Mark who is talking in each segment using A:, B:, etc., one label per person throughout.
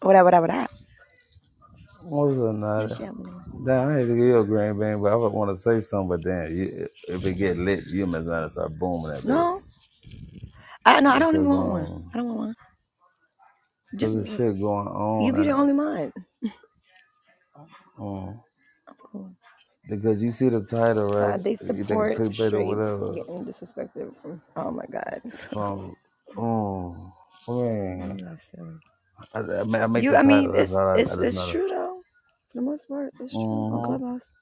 A: What up, what up, what up?
B: More than
A: No
B: nothing.
A: shit, what up.
B: Damn, I need to give you a green bean, but I would want to say something, but damn, you, if it get lit, you must not start booming that bitch.
A: No, I no, I don't even
B: Because
A: want one.
B: um
A: I don't want one.
B: because
A: Just
B: the
A: be
B: shit going
A: you
B: on
A: be the
B: uh,
A: only one.
B: um
A: I'm cool.
B: because you see the title,
A: Uh,
B: right?
A: they
B: You think
A: support
B: clickbait or
A: straights
B: whatever
A: getting disrespected from. Oh my god,
B: from um man.
A: yeah, silly.
B: I, I make
A: You,
B: the
A: I mean,
B: title, that's
A: it's
B: all I, I
A: it's
B: just
A: it's
B: know.
A: true though. For the most part, it's true on
B: Mm-hmm.
A: Clubhouse.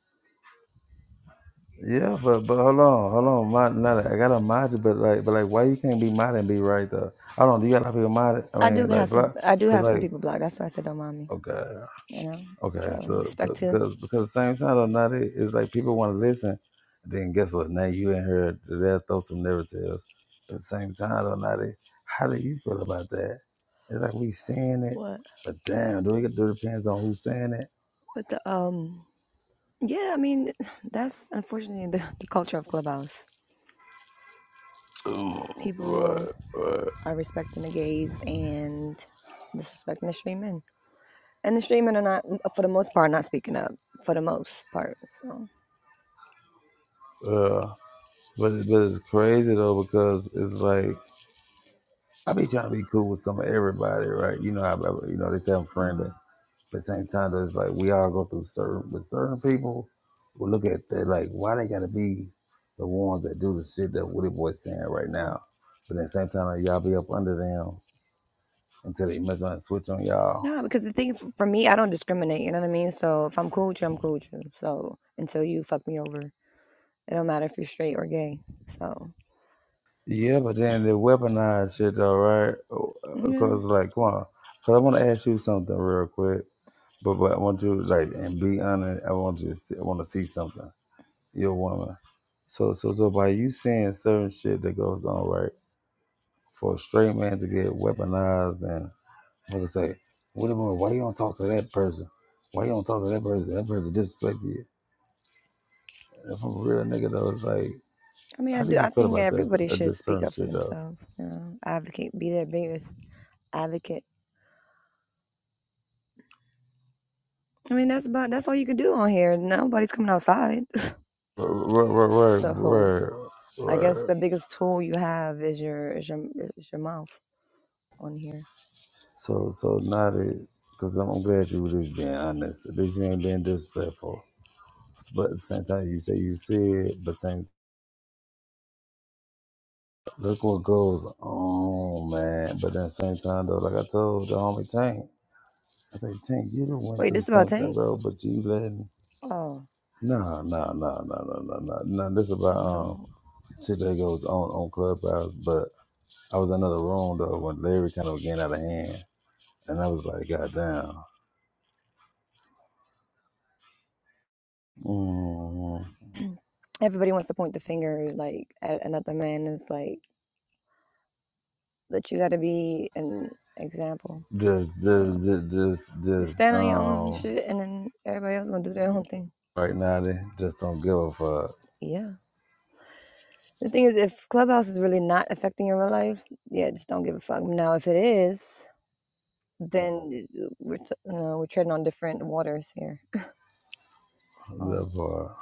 B: Yeah, but but hold on, hold on. My, not, I got to mod you, but like, but like, why you can't be mod and be right though? I don't. Do you got a lot of people mod? I
A: I do
B: mean,
A: have
B: like,
A: some.
B: block,
A: I do
B: cause
A: have some
B: like,
A: people blocked. That's why I said don't mind me.
B: okay,
A: You know.
B: okay.
A: So
B: So,
A: respect
B: cause
A: to
B: cause because at the same time, though, not it. It's like people want to listen. Then guess what? Now you in here, they'll throw some narratives. But at the same time, though, not it. How do you feel about that? It's like we saying it,
A: what,
B: but damn, do it, do it depends on who's saying it.
A: but the um, yeah. I mean, that's unfortunately the, the culture of Clubhouse.
B: Oh,
A: People.
B: right, right.
A: are respecting the gays and disrespecting the straight men. And the straight men are not, for the most part, not speaking up. For the most part, so
B: Yeah. But it- but it's crazy though because it's like I be trying to be cool with some of everybody, right? You know how I- you know they say I'm friendly,
A: mm-hmm.
B: but at the same time though, it's like we all go through certain with certain people. We look at that like why they gotta be the ones that do the shit that Woody Boy's saying right now, but at the same time like, y'all be up under them until they mess around and switch on y'all.
A: no, because the thing f- for me, I don't discriminate. You know what I mean? So if I'm cool with you, I'm cool with you. So until you fuck me over, it don't matter if you're straight or gay. So
B: Yeah, but then they weaponize shit though, right?
A: yeah,
B: Because like, come on, because I want to ask you something real quick, but but I want you like and be honest. I want you to see, I want to see something. You're a woman, so so so by you saying certain shit that goes on, right? For a straight man to get weaponized and like I say, what about why you don't talk to that person? Why you don't talk to that person? That person disrespected you. If I'm a real nigga though, it's like,
A: I mean, I
B: how do
A: do.
B: you
A: I
B: feel
A: think
B: about that?
A: everybody
B: uh,
A: should
B: Just
A: speak
B: certain
A: up for
B: shit though.
A: themselves. You know, advocate, be their biggest advocate. I mean, that's about that's all you can do on here. Nobody's coming outside,
B: Right, right, right,
A: so
B: right.
A: I guess
B: right.
A: the biggest tool you have is your is your is your mouth on here.
B: So, so now that, because I'm, I'm glad you were just being honest. At least you ain't being disrespectful. S- But at the same time, you say you see it, but same, look what goes on, man. But at the same time, though, like I told the homie Tank, I say, Tank, you done went
A: Wait,
B: through
A: this about
B: something,
A: Tate?
B: bro, but you letting,
A: Oh,
B: no, no, no, no, no, no, no. nah this about um
A: well,
B: shit that goes on on Clubhouse, but I was in another room, though, when Larry kind of getting out of hand. and I was like, God damn. Mm,
A: everybody wants to point the finger like at another man. It's like but you got to be an example.
B: just,
A: Uh,
B: just, just, just,
A: just
B: just,
A: stand on your own
B: um,
A: shit, and then everybody else gonna do their own thing.
B: right now they just don't give a fuck.
A: Yeah. The thing is, if Clubhouse is really not affecting your real life, yeah, just don't give a fuck. Now, if it is, then uh, we're t- uh, we're treading on different waters here. So
B: That part.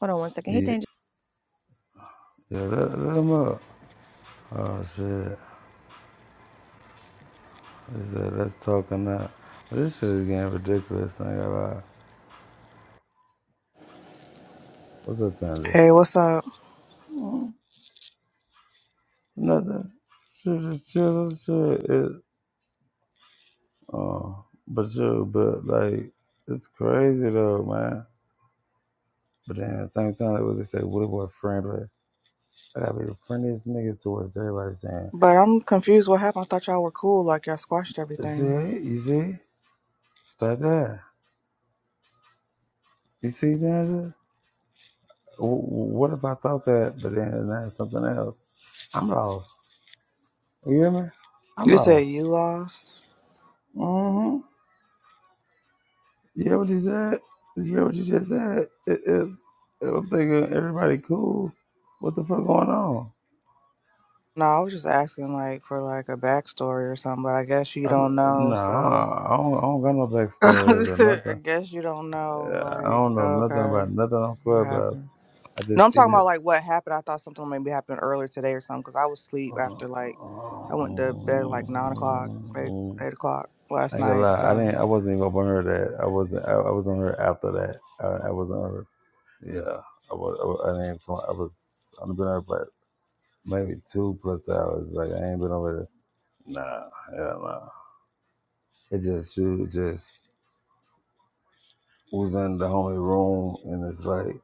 A: hold on one second. Hey,
B: Yeah,
A: Daniel.
B: yeah let, let 'em up. Oh shit. He said, that's talking now. This shit is getting ridiculous. I ain't gonna lie. What's up, Tanja?
C: Hey, what's up?
B: Mm, nothing. Shit, shit, shit, shit. It, oh, but you, but like, it's crazy though, man. But then at the same time, like what they say, what about friendly? That got be the friendliest nigga towards everybody saying,
C: But I'm confused. What happened? I thought y'all were cool. Like y'all squashed
B: see,
C: everything.
B: you see, start there. You see, danger? What if I thought that, but then that's something else? I'm lost. You hear me? I'm
C: You said
B: lost.
C: you lost.
B: Mm-hmm. You hear what you said? You hear what you just said? It, it's, I'm thinking everybody cool. What the fuck going on?
C: No, I was just asking like for like a backstory or something. But I guess you
B: I,
C: don't know.
B: no,
C: So
B: I don't, I don't got no backstories or
C: I
B: nothing.
C: guess you don't know.
B: Uh, I
C: Like
B: don't know nothing
C: okay,
B: about nothing on
C: what
B: Clubhouse.
C: happened?
B: I
C: No,
B: just
C: I'm
B: see
C: talking
B: the.
C: about like what happened. I thought something maybe happened earlier today or something because I was asleep
B: Um,
C: after like I went to bed like nine o'clock, eight eight o'clock
B: I
C: last
B: ain't gonna
C: night.
B: lie, I
C: So
B: didn't. I wasn't even up on her that. I wasn't. I, I was on her after that. I, I wasn't on her. Yeah, I was. I, was- I didn't. I was. I've been on her for maybe two plus hours. Like I ain't been over there. Nah, hell nah. It just you just was in the homie room, and it's like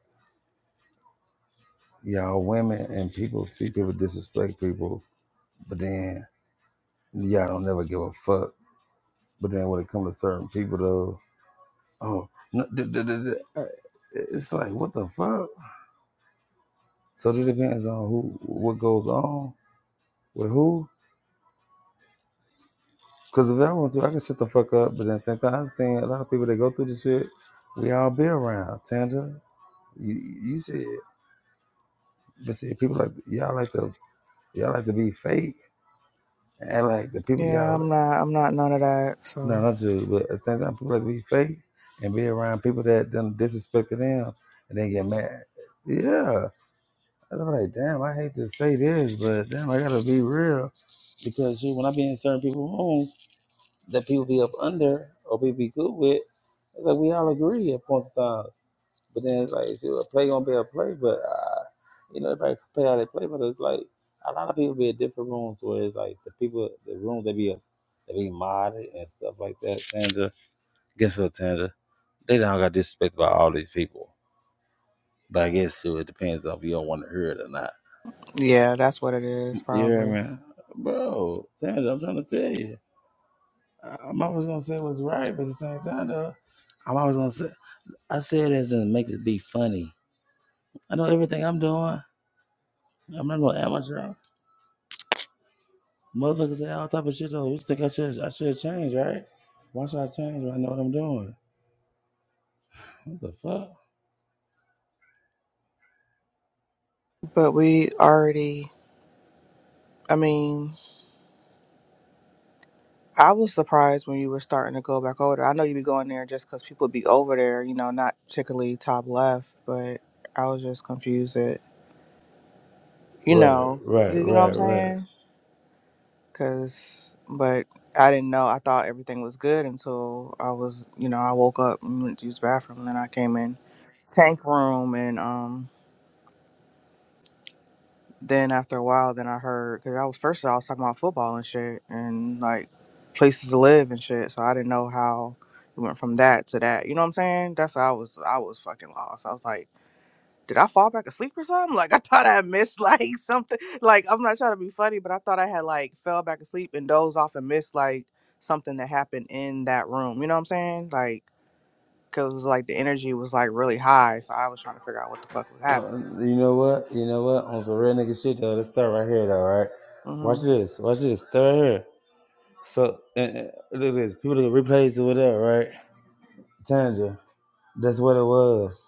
B: y'all women and people see people disrespect people, but then y'all don't never give a fuck. But then when it comes to certain people though. Oh, no, the, the, the, the, uh, it's like what the fuck. So it depends on who, what goes on with who. Because if I want to, I can shut the fuck up. But at the same time, I've seen a lot of people that go through this shit. We all be around. Tanja, you, you said, but see, people like y'all like to y'all like to be fake and like the people
C: yeah,
B: y'all.
C: I'm not. I'm not none of that.
B: No,
C: So.
B: not you. But at the same time, people like to be fake and be around people that done disrespected them and then get mad. Yeah, 'Cause I'm like, damn, I hate to say this, but damn, I gotta be real. Because shoot, when I be in certain people's rooms that people be up under or people be good with, it's like we all agree at points in times. But then it's like, shoot, a play gonna be a play, but uh, you know, everybody play how they play, but it's like a lot of people be in different rooms where it's like the people, the rooms they be up, they be modded and stuff like that. Tanja, guess what, Tanja? They don't got disrespected by all these people. But I guess too, it depends on if you don't want to hear it or not.
C: Yeah, that's what it is,
B: You hear
C: probably.
B: me? Bro, Sandra, I'm trying to tell you. I- I'm always gonna say what's right, but at the same time though, I'm always gonna say I say it as in make it be funny. I know everything I'm doing. I'm not no amateur. Motherfuckers say all type of shit though. You think I should I should change, right? Why should I change when I know what I'm doing? What the fuck?
C: But we already, I mean, I was surprised when you were starting to go back over there. I know you'd be going there just because people be over there, you know, not particularly top left, but I was just confused that, you
B: Right,
C: know, you,
B: right,
C: you know what
B: right,
C: I'm
B: right.
C: saying? Because, but I didn't know. I thought everything was good until I was, you know, I woke up and went to use the bathroom. And then I came in tank room and, um. then after a while, then I heard because I was first I was talking about football and shit and like places to live and shit. So I didn't know how it went from that to that. You know what I'm saying? That's how I was. I was fucking lost. I was like, did I fall back asleep or something? Like I thought I missed like something. Like I'm not trying to be funny, but I thought I had like fell back asleep and dozed off and missed like something that happened in that room. You know what I'm saying? Like because like the energy was like really high, so I was trying to figure out what the fuck was happening.
B: Uh, you know what? You know what? On some real nigga shit though, let's start right here though, right?
C: Mm-hmm.
B: Watch this. Watch this. Start right here. So and, and look at this. People look at replays or whatever, right? Tanja, that's what it was.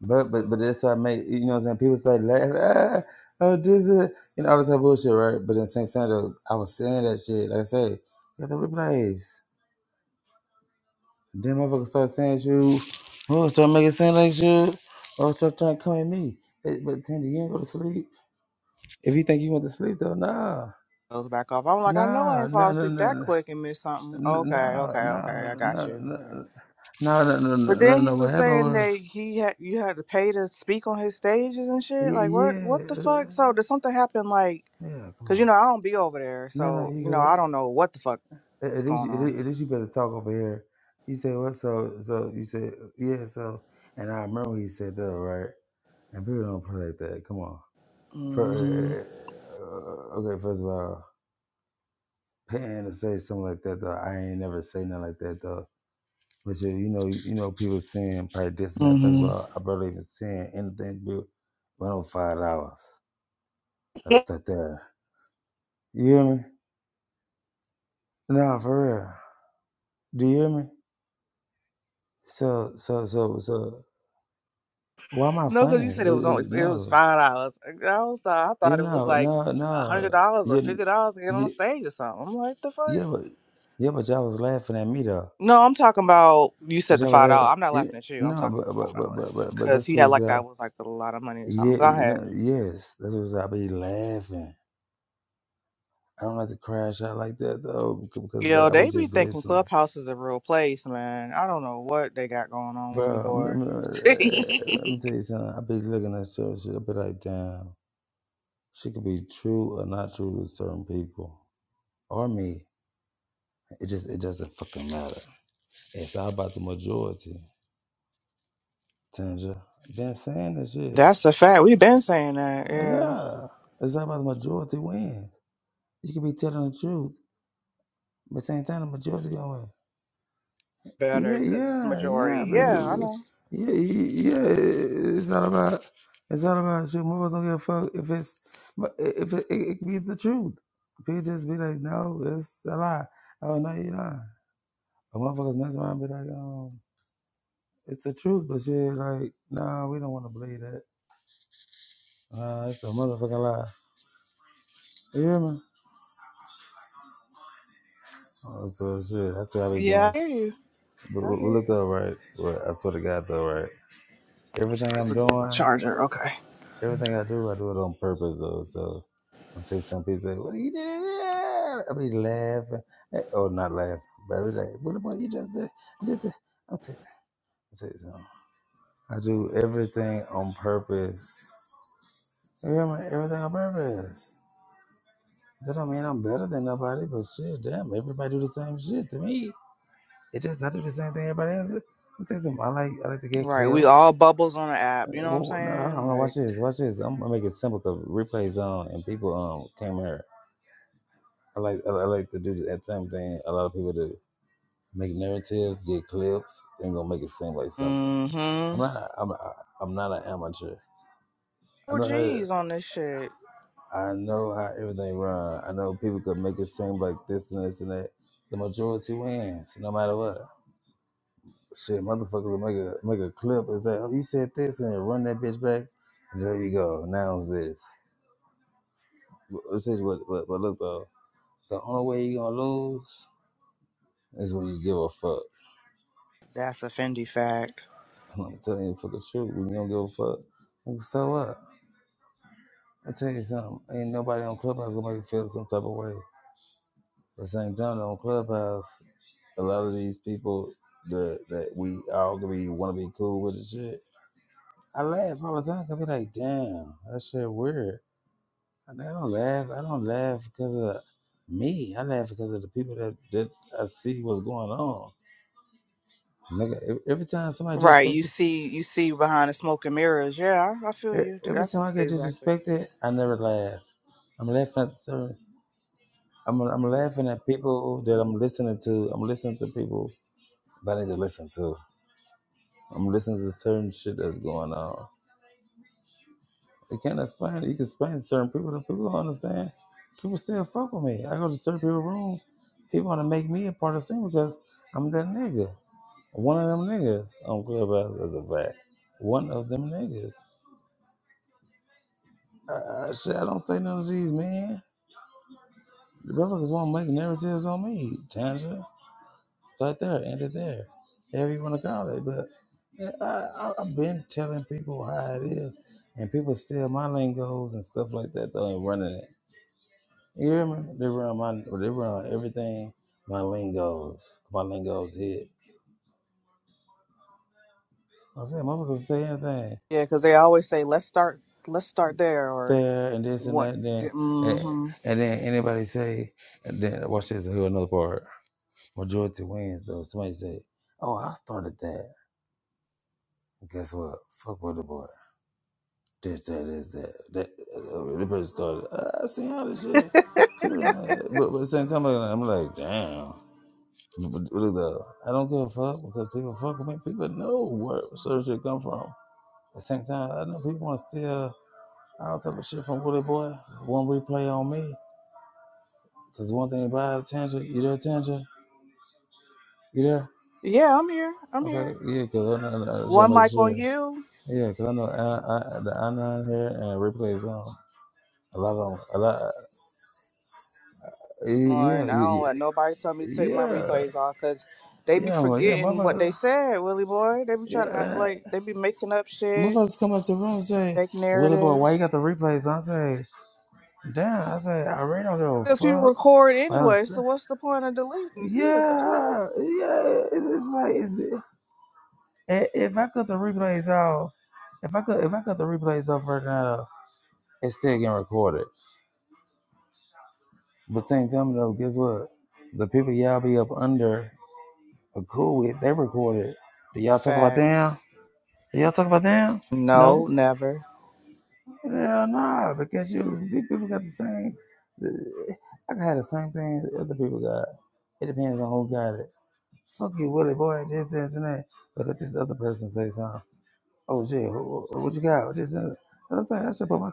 B: But but but that's why I make you know what I'm saying. People start laughing. Ah, oh, this is you know all this type of bullshit, right? But at the same time, though, I was saying that shit. Like I say, got the replays. Then motherfuckers start saying shit. Oh, start making sound like shit. Or start trying to come at me. But, but Tanja, you ain't go to sleep. If you think you went to sleep though, nah,
C: goes back off. I'm like, I know I
B: nah,
C: ain't fall
B: nah, nah,
C: asleep that
B: nah. nah.
C: quick and miss something. Okay,
B: No, no,
C: okay, okay, I
B: no,
C: got
B: no,
C: you. Okay.
B: no, no, no, no,
C: But then
B: no.
C: he
B: no,
C: was
B: What happened
C: saying
B: was,
C: that he had you had to pay to speak on his stages and shit. Like
B: yeah,
C: what
B: yeah,
C: what the fuck? So
B: uh,
C: did something happen like
B: yeah. Come
C: cuz
B: on,
C: you know I don't be over there.
B: no, no,
C: So, you
B: you
C: know, I don't
B: got.
C: know what the fuck's
B: At at least,
C: going
B: at
C: on.
B: least at least you better talk over here. You say "What?" So, so you said, "Yeah." So, and I remember he said that, right? And people don't play like that. Come on. For
C: Mhm.
B: uh, uh, okay, first of all, paying to say something like that though, I ain't never say nothing like that though. Which is, you know, you know, people saying probably this and that. First of
C: Mhm.
B: all, I barely even saying anything but one hundred five dollars. That's that there. You hear me? Nah, for real. Do you hear me? So, so, so, so. Why am I
C: no, cuz you
B: funny?
C: said
B: It,
C: it was only
B: it,
C: it was
B: no,
C: $5. I was uh, I
B: you
C: thought it was
B: know,
C: like
B: no,
C: $100
B: no.
C: or
B: You,
C: $50 to get on the
B: you,
C: stage or something. I'm like, the
B: yeah,
C: fuck?
B: but yeah, but y'all was laughing at me though.
C: No, I'm talking about you
B: But
C: said the
B: y'all was
C: five
B: laughing.
C: dollars. I'm not
B: It,
C: laughing at you. I'm
B: no,
C: talking about the
B: but
C: five
B: but but but
C: dollars
B: but but
C: because
B: this
C: he had
B: was
C: like
B: uh,
C: that was like a lot of money or something.
B: yeah,
C: Go
B: you
C: ahead.
B: know, yes, this was I be laughing. I don't like to crash out like that though, because
C: Yo,
B: like I be
C: they be
B: just
C: thinking
B: listening,
C: Clubhouse is a real place, man. I don't know what they got going on, Willie
B: bro. I'm,
C: boy.
B: I'm, uh, let me tell you something. I be looking at certain shit. I be like, damn, she could be true or not true to certain people or me. It just it doesn't fucking matter. It's all about the majority, Tanja. Been saying this shit.
C: That's a fact. We've been saying that.
B: Uh,
C: Yeah,
B: Yeah, it's all about the majority wins. You could be telling the truth, but same time the majority gonna win.
C: better
B: Yeah,
C: because it's the
B: yeah, yeah,
C: majority. Yeah, I
B: baby.
C: know.
B: Yeah, yeah. It's all about. It's all about you. Motherfuckers don't give a fuck if it's. but If it, it, it be the truth, people just be like, no, it's a lie. Oh no, you're lying. But motherfuckers mess around and be like, um, it's the truth, but shit, like, nah, we don't want to believe that. Nah, it's a motherfucking lie. You hear me? Oh, so shit, that's what I be
C: Yeah,
B: doing.
C: I hear you.
B: But, but
C: I
B: but
C: hear
B: look
C: you.
B: though, right? Well, I swear to God though, right?
C: I'm sorry, I
B: Everything
C: was
B: I'm
C: looking for my
B: doing.
C: charger. Okay.
B: Everything I do, I do it on purpose though. So i say, some people say, Well you did i be laughing. Eh, Oh not laughing. But i be like, What about you just did this is-" I'll take I'll tell you something. I do everything on purpose. You hear me? Everything on purpose. That don't mean I'm better than nobody, but shit, damn, everybody do the same shit to me. It just I do the same thing everybody else. do. I'll tell you something, I like I like to get
C: Right, we
B: clips.
C: all bubbles on the app.
B: Uh,
C: You know what I'm
B: Well, no, hold on,
C: saying?
B: hold on, watch
C: Like,
B: this, watch this. I'm gonna make it simple because replays on and people um came here. I like I like to do that same thing. A lot of people do make narratives, get clips, and gonna make it seem like something. I'm
C: mm-hmm.
B: not a, I'm a, I'm not an amateur. I
C: Oh,
B: know
C: geez, on this shit.
B: how, I know how everything run. I know people could make it seem like this and this and that. The majority wins, no matter what. Shit, motherfuckers will make a make a clip and say, "Oh, you said this," and then run that bitch back. And there you go. Now's this. But, but look though, the only way you gonna lose is when you give a fuck.
C: That's a Fendi fact.
B: I'm telling you for the truth. When you don't give a fuck, like, so what? I tell you something. Ain't nobody on Clubhouse gonna make you feel some type of way. At the same time, on Clubhouse, a lot of these people that that we all gonna be want to be cool with and shit. I laugh all the time. I be like, damn, that shit weird. I don't laugh. I don't laugh because of me. I laugh because of the people that that I see what's going on. Nigga, ev- every time somebody
C: Right. You
B: disrespected,
C: see you see behind the smoke and mirrors. Yeah, I, I feel
B: e-,
C: you.
B: every time
C: That's
B: I get
C: exactly.
B: disrespected, I never laugh. I'm laughing at the I'm I'm laughing at people that I'm listening to. I'm listening to people that I need to listen to. I'm listening to certain shit that's going on. You can't explain it. You can explain to certain people that people don't understand. People still fuck with me. I go to certain people rooms. People want to make me a part of the scene because I'm that nigga. One of them niggas. on Clubhouse glad as a fact. One of them niggas. I, I, shit, I don't say none of these, man. The motherfuckers want to make narratives on me, Tanja. Start there, end it there. However you want to call it. But yeah, I, I, I've been telling people how it is, and people steal my lingos and stuff like that. Though and running it. You hear me? They run my, they run everything. My lingos, my lingos hit. I said, motherfuckers say anything
C: Yeah, because they always say, "Let's start, let's start there," or
B: there and this and
C: what?
B: that. Then and,
C: Mm-hmm.
B: and then anybody say, and then watch this. Here another part. Majority wins though. Somebody say, oh, I started that. Guess what? Fuck with the boy. This, that, this, that. That uh, the person started. I seen all this shit. People, uh, but, but at the same time, I'm like, damn. But- though, I don't give a fuck because people fuck with me. People know where certain shit come from. At the same time, I know people want to steal all type of shit from Woody Boy. One replay on me. Because one thing about attention, you there, attention? You there?
C: Yeah, I'm here. I'm
B: Okay,
C: here.
B: yeah, because I know, I just want
C: One
B: to make
C: mic on
B: sure.
C: you,
B: Yeah, because I know I, I, the I'm here and replays on. A lot of them, a lot, yeah, yeah,
C: and I
B: yeah.
C: don't let nobody tell me to take my
B: Yeah,
C: replays off because they be
B: yeah, well, yeah,
C: forgetting what they
B: mother,
C: said, Willie boy. They be
B: yeah,
C: trying to act
B: man.
C: like they be making up shit,
B: motherfuckers come up to the room and say,
C: fake
B: Willie boy, why you
C: narratives.
B: got the replays? on?" I say, damn, I say, I really don't give a fuck.
C: Because people
B: Well,
C: record
B: I don't
C: anyway, so
B: understand.
C: what's the point of deleting? Yeah, the fuck.
B: Yeah, yeah, it's, it's like, it's, i- if I cut the replays off, if I could, if I cut the replays off right now, it's still getting recorded. But same time though, guess what? The people y'all be up under are cool with, they recorded. Do y'all talk about
C: Facts.
B: them? Do y'all talk about them?
C: No,
B: No.
C: never.
B: Hell nah, because you these people got the same. I can have the same thing other people got. It depends on who got it. Fuck you, Willie boy. This, this, and that. But let this other person say something. Oh shit, wh- wh- what you got? This, and that. I'm saying I should put my. I'm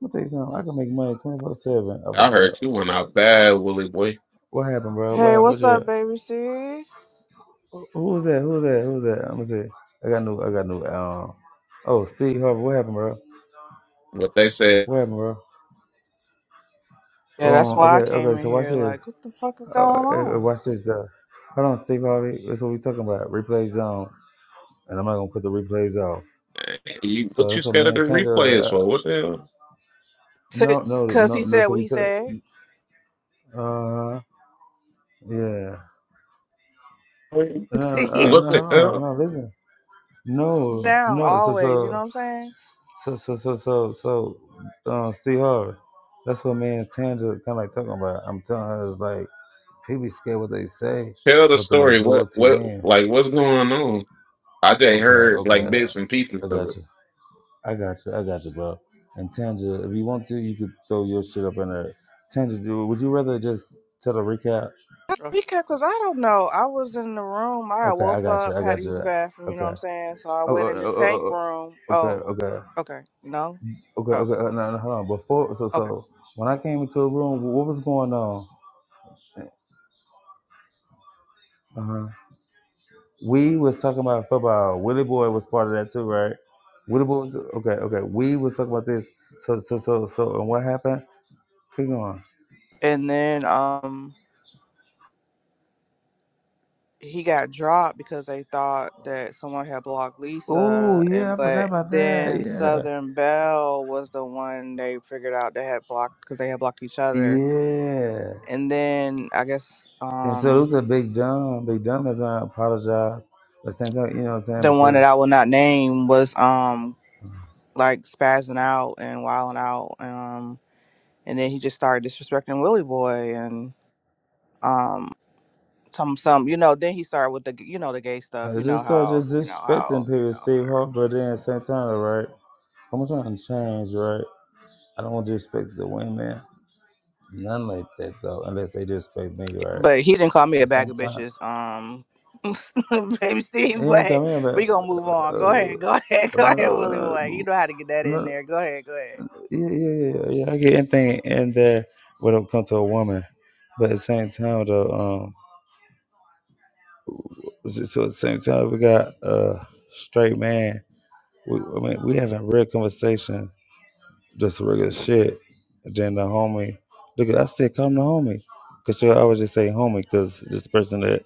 B: gonna tell you something. I can make money twenty four seven. Of a
D: I heard you went out bad, Willie boy.
B: what happened, bro? What?
C: Hey,
B: happened? What
C: what's up,
B: you?
C: baby C?
B: Who was that? Who was that? Who was that? I'm gonna say. I got new. I got new. Um. Oh, Steve Harvey. What happened, bro?
D: What they said,
B: What happened, bro? Um.
C: Yeah, that's why I
B: Okay.
C: came
B: Okay.
C: in
B: So watch
C: here.
B: this.
C: Like, what the fuck is
B: Uh,
C: going
B: eh,
C: on?
B: watch this. Uh, hold on, Steve Harvey. That's what we talking about. Replay zone, and I'm not gonna put the replays off.
D: you
B: So
D: what you
B: that's what
D: scared
B: me
D: of the
B: and Tandra.
D: replays for?
B: Uh,
D: What the
B: no, no,
C: Because he
B: no.
C: said
B: That's what
C: what
B: we
C: he
B: took.
C: said.
B: Uh, yeah.
D: hell?
B: No, no, no,
C: He
B: uh,
D: What the
B: no, hold on,
D: hell?
B: no. Listen.
C: was
B: No,
C: down
B: no. So,
C: always, you know
B: so,
C: what I'm saying?
B: so, so, so, so, so uh, Steve Harvey. That's what me and Tandra kind of like talking about. I'm telling her it's like people be scared what they say,
D: Tell the
B: but the
D: story. What
B: majority
D: what
B: win.
D: like what's going on? I just
B: Okay,
D: heard like
B: okay.
D: bits and pieces
B: I
D: of it.
B: gotcha. I got you. I got you, bro. And Tanja, if you want to, you could throw your shit up in there. Tanja, do- would you rather just tell a recap?
C: He kept, because I don't know. I was in the room. I
B: Okay, I
C: woke
B: got you.
C: up,
B: I
C: had to
B: got
C: use the
B: you.
C: bathroom, you know
B: Okay.
C: what I'm saying? So I
B: Oh,
C: went
B: oh,
C: in the
B: oh, oh,
C: tank
B: oh, oh.
C: room.
B: okay,
C: Oh,
B: okay,
C: okay. No?
B: okay,
C: Oh,
B: okay. Uh, no, no, hold on. Before, so,
C: okay.
B: so when I came into a room, what was going on? Uh huh. We was talking about football. Willie Boy was part of that too, right? Willie Boy was okay. Okay. We was talking about this. So, so, so, so, and what happened? Keep going.
C: And then, um, he got dropped because they thought that someone had blocked
B: Oh
C: Lisa,
B: yeah,
C: and
B: I forgot
C: but
B: about that.
C: then
B: Yeah.
C: Southern Belle was the one they figured out they had blocked because they had blocked each other,
B: Yeah.
C: and then I guess
B: And so it
C: um
B: was a big dumb. Big dumb has not apologized. But same time, you know what I'm saying?
C: the one that I
B: Because
C: will not name was um like spazzing out and wilding out, um and then he just started disrespecting Willie Boy and um some some you know then he started with the you know the gay stuff
B: I
C: you know
B: just started
C: how
B: just
C: you know
B: disrespecting
C: how you
B: people,
C: know
B: Steve
C: whatever
B: Harper then at the same time, right? I'm trying to change, right? I don't want to disrespect the women. None like that though, unless they disrespect me, right?
C: but he didn't call
B: At
C: me
B: the
C: a bag
B: same
C: of
B: time.
C: bitches. Um, baby Steve,
B: They ain't
C: but
B: come in but
C: we gonna move on.
B: uh,
C: Go ahead, go ahead,
B: uh,
C: go ahead, Willie
B: uh, uh,
C: boy. You know how to get that in
B: no,
C: there. Go ahead, go ahead.
B: yeah, yeah, yeah, yeah. yeah, I get anything in there when it comes to a woman. But at the same time though, um, So at the same time, we got a straight man. We, I mean, we having real conversation, just regular shit. Then the homie, look, I said, come to homie, cause she always just say homie, cause this person that,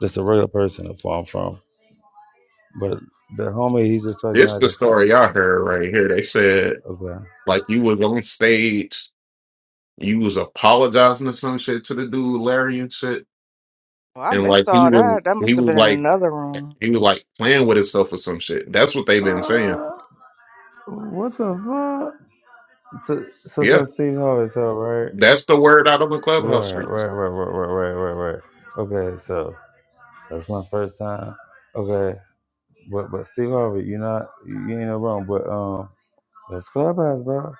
B: that's a regular person that's where I'm from. But the homie, he's just talking
D: This
B: like
D: the
B: a trip.
D: story I heard right here. They said
B: Okay.
D: like you was on stage, you was apologizing or some shit to the dude Larry and shit,
C: Well, I
D: and like
C: missed
D: he
C: all
D: was
C: that. That
D: he
C: must have
D: was
C: been in
D: like
C: another room.
D: he was like playing with himself or some shit. That's what they've been saying.
B: Uh, what the fuck? So, so,
D: Yeah,
B: so Steve Harvey, so right,
D: that's the word out on the
B: right,
D: clubhouse streets.
B: right, right, right, right, right, right, right. Okay, so that's my first time. Okay, But but Steve Harvey, you not you ain't no wrong. But um, it's clubhouse, bro.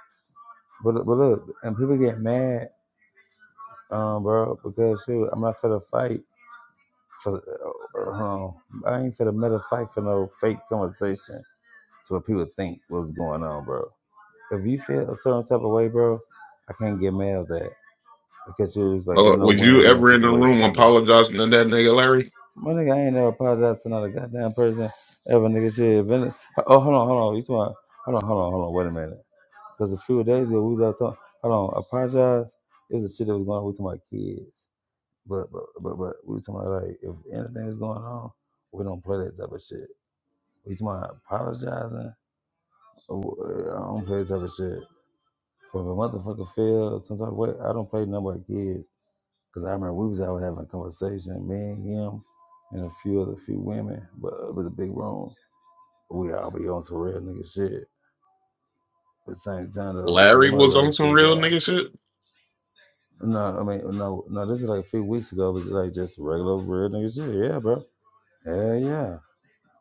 B: But but look, and people get mad, um, bro, because shoot, I'm not for the fight for uh, um, I ain't for the meta fight for no fake conversation to what people think what's going on, bro. If you feel a certain type of way, bro, I can't get mad at that because you was like it's
D: Uh,
B: no
D: was you
B: win-win
D: ever in the
B: situation,
D: room
B: my nigga.
D: apologizing to that nigga Larry?
B: My nigga, I ain't never apologized to not a goddamn person ever, nigga. Shit, if any- oh hold on, hold on, you talking? Hold on, hold on, hold on. Wait a minute. Because a few days ago, we was out talking. Hold on, apologize. It was the shit that was going on with my kids. But but but but we was talking about like if anything was going on, we don't play that type of shit. We talking about apologizing. Oh, uh, I don't play that type of shit. But if a motherfucker fails, some type of way, I don't play none of my kids. Cause I remember we was out having a conversation, me and him, and a few other few women. But it was a big room. We all be on some real nigga shit. But at the same time though, cause
D: Larry
B: I'm gonna
D: was on
B: like
D: some
B: shit,
D: real
B: bro.
D: nigga shit.
B: No, I mean, no, no. This is like a few weeks ago. It was like just regular real nigga shit. Yeah, bro. Hell yeah.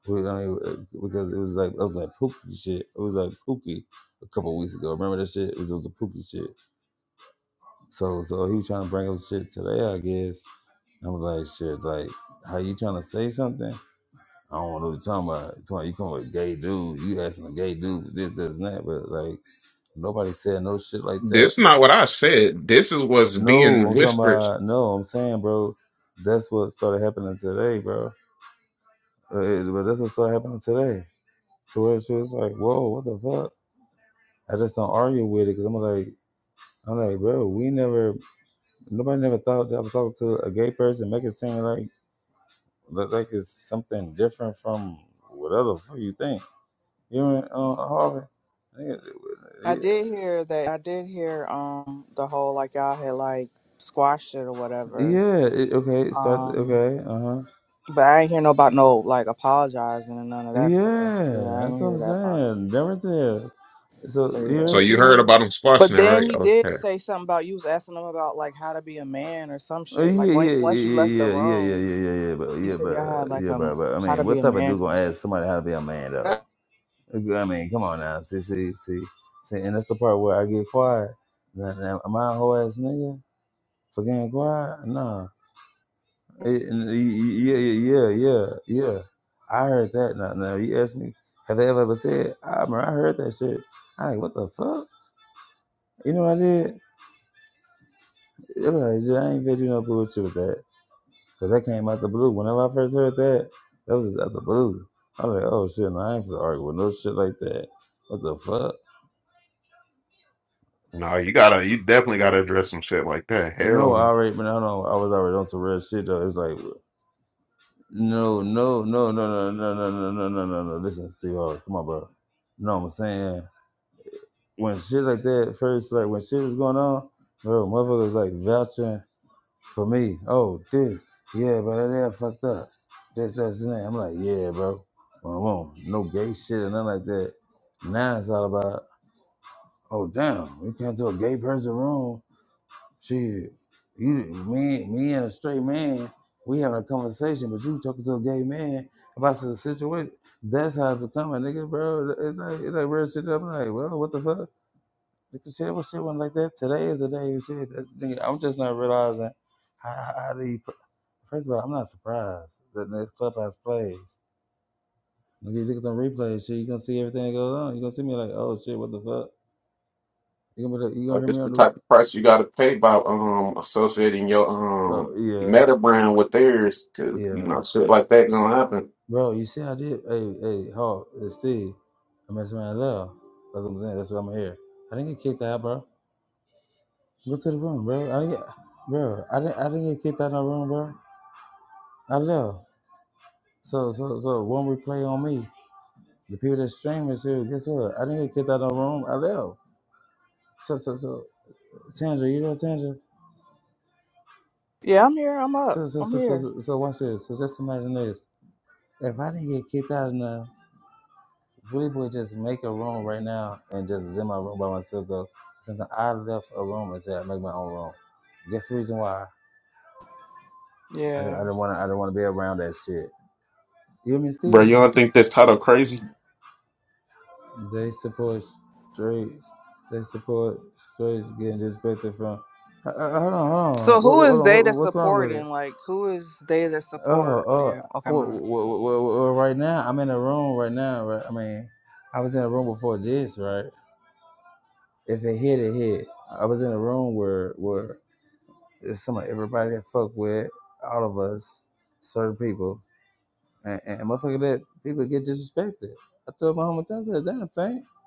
B: We, I mean, uh, because it was like I was like pookie shit. It was like pookie a couple weeks ago. Remember that shit? It was, it was a pookie shit. So, so he was trying to bring up shit today, I guess. i was like, shit, like, how you trying to say something? I don't want to know what you're talking about. You're talking about you come with a gay dude. You asking a gay dude this, this, and that. But like, nobody said no shit like that.
D: This not what I said. This is what's
B: No,
D: being
B: I'm talking
D: whispered.
B: about no. I'm saying, bro, that's what started happening today, bro. Uh, it- But that's what started happening today. To where she was like, "Whoa, what the fuck?" I just don't argue with it because I'm like, I'm like, bro, we never, nobody never thought that I was talking to a gay person, make it seem like like like it's something different from whatever the fuck you think. You know, what I mean? uh, Harvey.
C: I
B: Yeah,
C: did hear that. I did hear um the whole like y'all had like squashed it or whatever.
B: yeah. It, okay, start.
C: Um,
B: Okay, uh huh.
C: but I ain't hear no about no like apologizing and none of that stuff. Yeah,
B: Yeah,
C: I ain't
B: that's what
C: hear
B: I'm
C: that part.
B: saying. Dermot is. So
C: But
B: here
C: yeah.
D: So
B: it's
D: you heard
B: still.
D: about him squashing
C: But
D: it,
C: then
D: right?
C: he did
D: Okay.
C: say something about you was asking him about like how to be a man or some
B: Oh,
C: shit. Like
B: yeah, yeah,
C: when once you left the
B: yeah, yeah, yeah, yeah, yeah,
C: room,
B: yeah, yeah, yeah, but
C: he
B: yeah,
C: said y'all had
B: but
C: like
B: yeah,
C: um
B: but, but I
C: how to
B: mean,
C: be
B: what
C: a
B: type of
C: man
B: dude gonna
C: conversation.
B: ask somebody how to be a man though? I mean, come on now, see, see, see, see, and that's the part where I get quiet. Now, now, am I a whole ass nigga for getting quiet? Nah. Eh, and Yeah, yeah, yeah, yeah, yeah. I heard that. Now, now you ask me, have they ever ever said? I remember I heard that shit. I like, what the fuck? You know what I did? Yeah, like, yeah, I ain't gonna do no bullshit with that. Cause that came out the blue. Whenever I first heard that, that was just out the blue. I was like, oh shit, no, I ain't gonna argue with no shit like that. What the fuck?
D: No, you gotta, you definitely gotta address some shit like that.
B: No,
D: Hell,
B: I
D: no.
B: already, but I do know I was already on some real shit though. It's like, no, no, no, no, no, no, no, no, no, no, no, no. Listen, Steve Harvey, come on, bro. No, I'm saying when shit like that first, like when shit was going on, bro, motherfuckers like vouching for me, oh, dude, yeah, bro, that fucked up. This, that's and that. I'm like, yeah, bro. Well, I won't. No gay shit or nothing like that. Now it's all about, oh, damn, we came to a gay person room. Shit, you, me, me and a straight man, we having a conversation, but you talking to a gay man about some situation. That's how it become a nigga, bro. It's like, it's like real shit. I'm like, well, what the fuck? Like You can see it was one like that. Today is the day you see it. That I'm just not realizing how, how, do you put. First of all, I'm not surprised that this clubhouse plays. When you look at the replays. shit, you gonna see everything that goes on. You gonna see me like, oh shit, what the fuck? You gonna like, you gonna
D: Uh,
B: hear
D: It's
B: me
D: the
B: on the? re-
D: type of price you got to pay by um associating your
B: Oh
D: um
B: yeah,
D: meta brand with theirs, because you
B: yeah,
D: know shit like that gonna happen.
B: bro. You see, I did. Hey, hey, Hawk, uh, Steve, I messed my love. That's what I'm saying. That's what I'm here. I didn't get kicked out, bro. Go to the room, bro. I didn't get, bro. I didn't. I didn't get kicked out of the room, bro. I left. So so so one replay on me. The people that stream is here, guess what? I didn't get kicked out of the room. I left. So so so Tandra, you know Tandra?
C: Yeah, I'm here. I'm up.
B: So so
C: I'm
B: so so
C: here.
B: so so watch this. So just imagine this. If I didn't get kicked out enough, Willie would just make a room right now and just was in my room by myself though. Since I left a room and said I make my own room. Guess the reason why? I didn't, I
C: Yeah.
B: didn't wanna I didn't wanna be around that shit. You hear me,
D: Bro,
B: Steve?
D: you don't think this title crazy?
B: They support straights. They support straights getting disrespected from. Uh, uh, Hold on, hold
C: So
B: on. What,
C: who
B: hold
C: is
B: on.
C: they
B: What,
C: that
B: what's wrong with
C: supporting?
B: it?
C: Like who is they that
B: Oh,
C: support? Yeah.
B: oh.
C: Okay, my
B: Well,
C: bad.
B: well, well, well, right now, I'm in a room right now. Right. I mean, I was in a room before this. Right. If it hit, it hit. I was in a room where where it's some everybody that fuck with all of us, certain people, and, and motherfucker that people get disrespected. I told my homie, I said, damn, thing.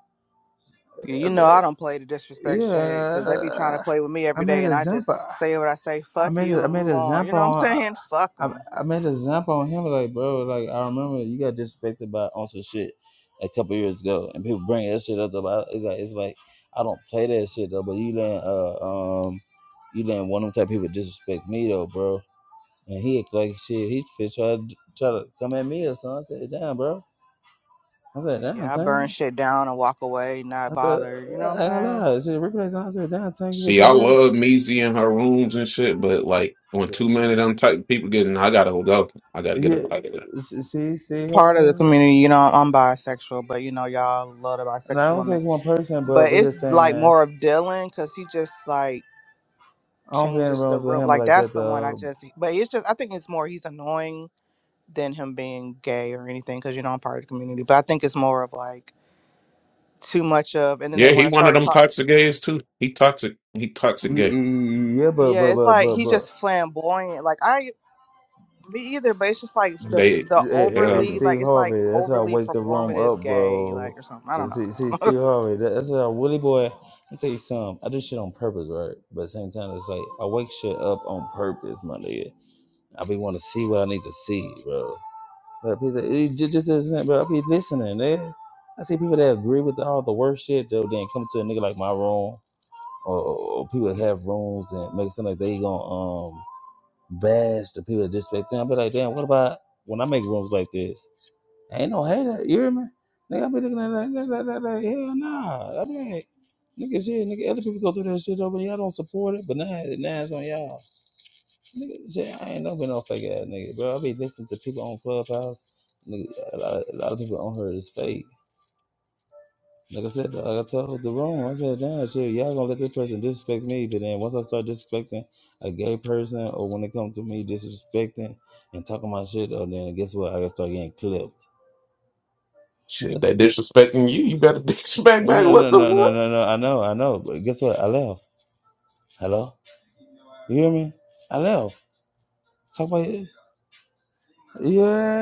C: Yeah, you know I don't play the disrespect shit because they be trying to
B: yeah,
C: play with me
B: I
C: every day,
B: made a
C: and I
B: example.
C: just say what I say.
B: I
C: Fuck
B: made a,
C: you
B: I
C: and
B: made a
C: move on. You
B: example.
C: know what I'm
B: on.
C: saying? Fuck
B: I,
C: them.
B: I made a example on him. Like, bro, like I remember you got disrespected by on some shit a couple years ago, and people bring that shit up. About it's like it's like I don't play that shit though. But you didn't, uh, um, you didn't want them type of people to disrespect me though, bro. And he act like shit. He fit try to try to come at me or something. I said, damn, bro. I said, damn,
C: Yeah, I
B: Tank.
C: burn shit down and walk away, not
B: I said,
C: bother. You
B: "Yeah,
C: know what I'm
B: I ain't gonna
C: saying?
B: lie. Shit, replays. I said, damn, Tank. You been
D: See, I
B: come
D: love Measy and her rooms and shit, but like when
B: there?
D: too many of them type of people getting, I gotta go. I gotta get
B: Yeah,
D: up out of there.
B: s- see, see,
C: part of the
B: Harvey.
C: community. You know, I'm bisexual, but you know, y'all love the
B: Now I
C: bisexual
B: don't say
C: women.
B: it's one person, but
C: But
B: we're
C: it's
B: just
C: like
B: saying
C: more of Dylan because he just like
B: I don't be in
C: changes the
B: rooms with
C: room.
B: him
C: Like
B: like
C: that's
B: that.
C: the one I
B: Though.
C: just. But it's just I think it's more he's annoying than him being gay or anything because you know I'm part of the community. But I think it's more of like too much of, and then they
D: Yeah,
C: want
D: he
C: to
D: one of
C: start
D: them
C: talk.
D: toxic gays too. He toxic. He toxic
B: Y- y-
D: gay.
B: y- Yeah, but
C: Yeah,
B: but
C: it's
B: but
C: like
B: but
C: he's just
B: but.
C: flamboyant. Like I. Me either, but it's just like the
D: They,
C: the
B: Hey,
D: they
B: hey,
D: uh,
B: hey,
C: overly like
B: Steve
C: it's like
B: Harvey, that's how I
C: overly
B: wake the room
C: performative
B: up,
C: gay
B: bro.
C: like or something. I
B: But
C: don't know.
B: See,
C: I
B: see
C: don't know.
B: Steve Harvey, that, that's how Willie boy. I tell you something, I do shit on purpose, right? But at the same time, it's like I wake shit up on purpose, my nigga. I be want to see what I need to see, bro. But people, it just, just isn't, bro. I be listening. They, I see people that agree with all the worst shit, though, then come to a nigga like my room, or, or, or people that have rooms that make it seem like they gonna um bash the people that disrespect them. I be like, damn, what about when I make rooms like this? I ain't no hater, you hear me? Nigga, I be looking at that, that, that, that, like, hell nah. I be like, nigga, shit, nigga, other people go through that shit though, but Y'all don't support it, but now, now it's on y'all. Nigga, shit, I ain't never been off fake ass nigga, bro. I be listening to people on Clubhouse. Nigga, a lot, of, a lot of people on her is fake. Like I said, like I told the room, I said, damn, shit, y'all gonna let this person disrespect me. But then once I start disrespecting a gay person, or when it comes to me disrespecting and talking my shit, oh, then guess what? I gotta start getting clipped.
D: shit.
B: That's
D: They
B: it.
D: disrespecting you. You better disrespect back.
B: No, no,
D: What the
B: no, no,
D: what?
B: no, no. I know, I know. But guess what? I left. Hello? You hear me? I left. Talk about it.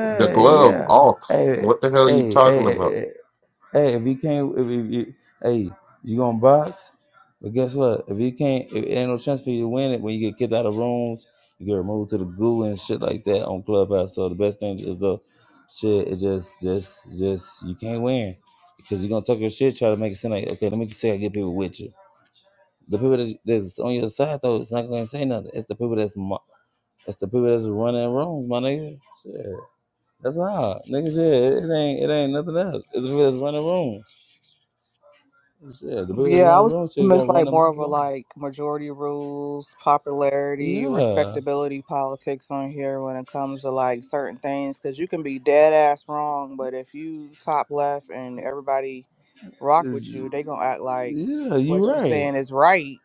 D: The glove
B: yeah.
D: off.
B: Hey,
D: What the hell are you
B: hey, hey, hey,
D: talking about?
B: hey. Hey, if you can't, if, if you, hey, you gonna box? But guess what? If you can't, if ain't no chance for you to win it when you get kicked out of rooms, you get removed to the goo and shit like that on Clubhouse. So the best thing is the shit. It just, just, just you can't win because you're gonna talk your shit, try to make it seem like okay, let me say I get people with you. The people that, that's on your side though, it's not gonna say nothing. It's the people that's mo- it's the people that's running rooms, my nigga. Shit, that's all, nigga. Shit, it, it ain't it ain't nothing else. It's the people that's running rooms. Yeah, the biggest
C: Yeah, I
B: one in the
C: was
B: room, so you're
C: almost
B: gonna run
C: like
B: them
C: more
B: up
C: of a
B: along.
C: like majority rules, popularity,
B: Yeah.
C: respectability politics on here when it comes to like certain things because you can be dead ass wrong, but if you top left and everybody rock with you, they gonna act like
B: Yeah, you
C: what you
B: right.
C: saying is right.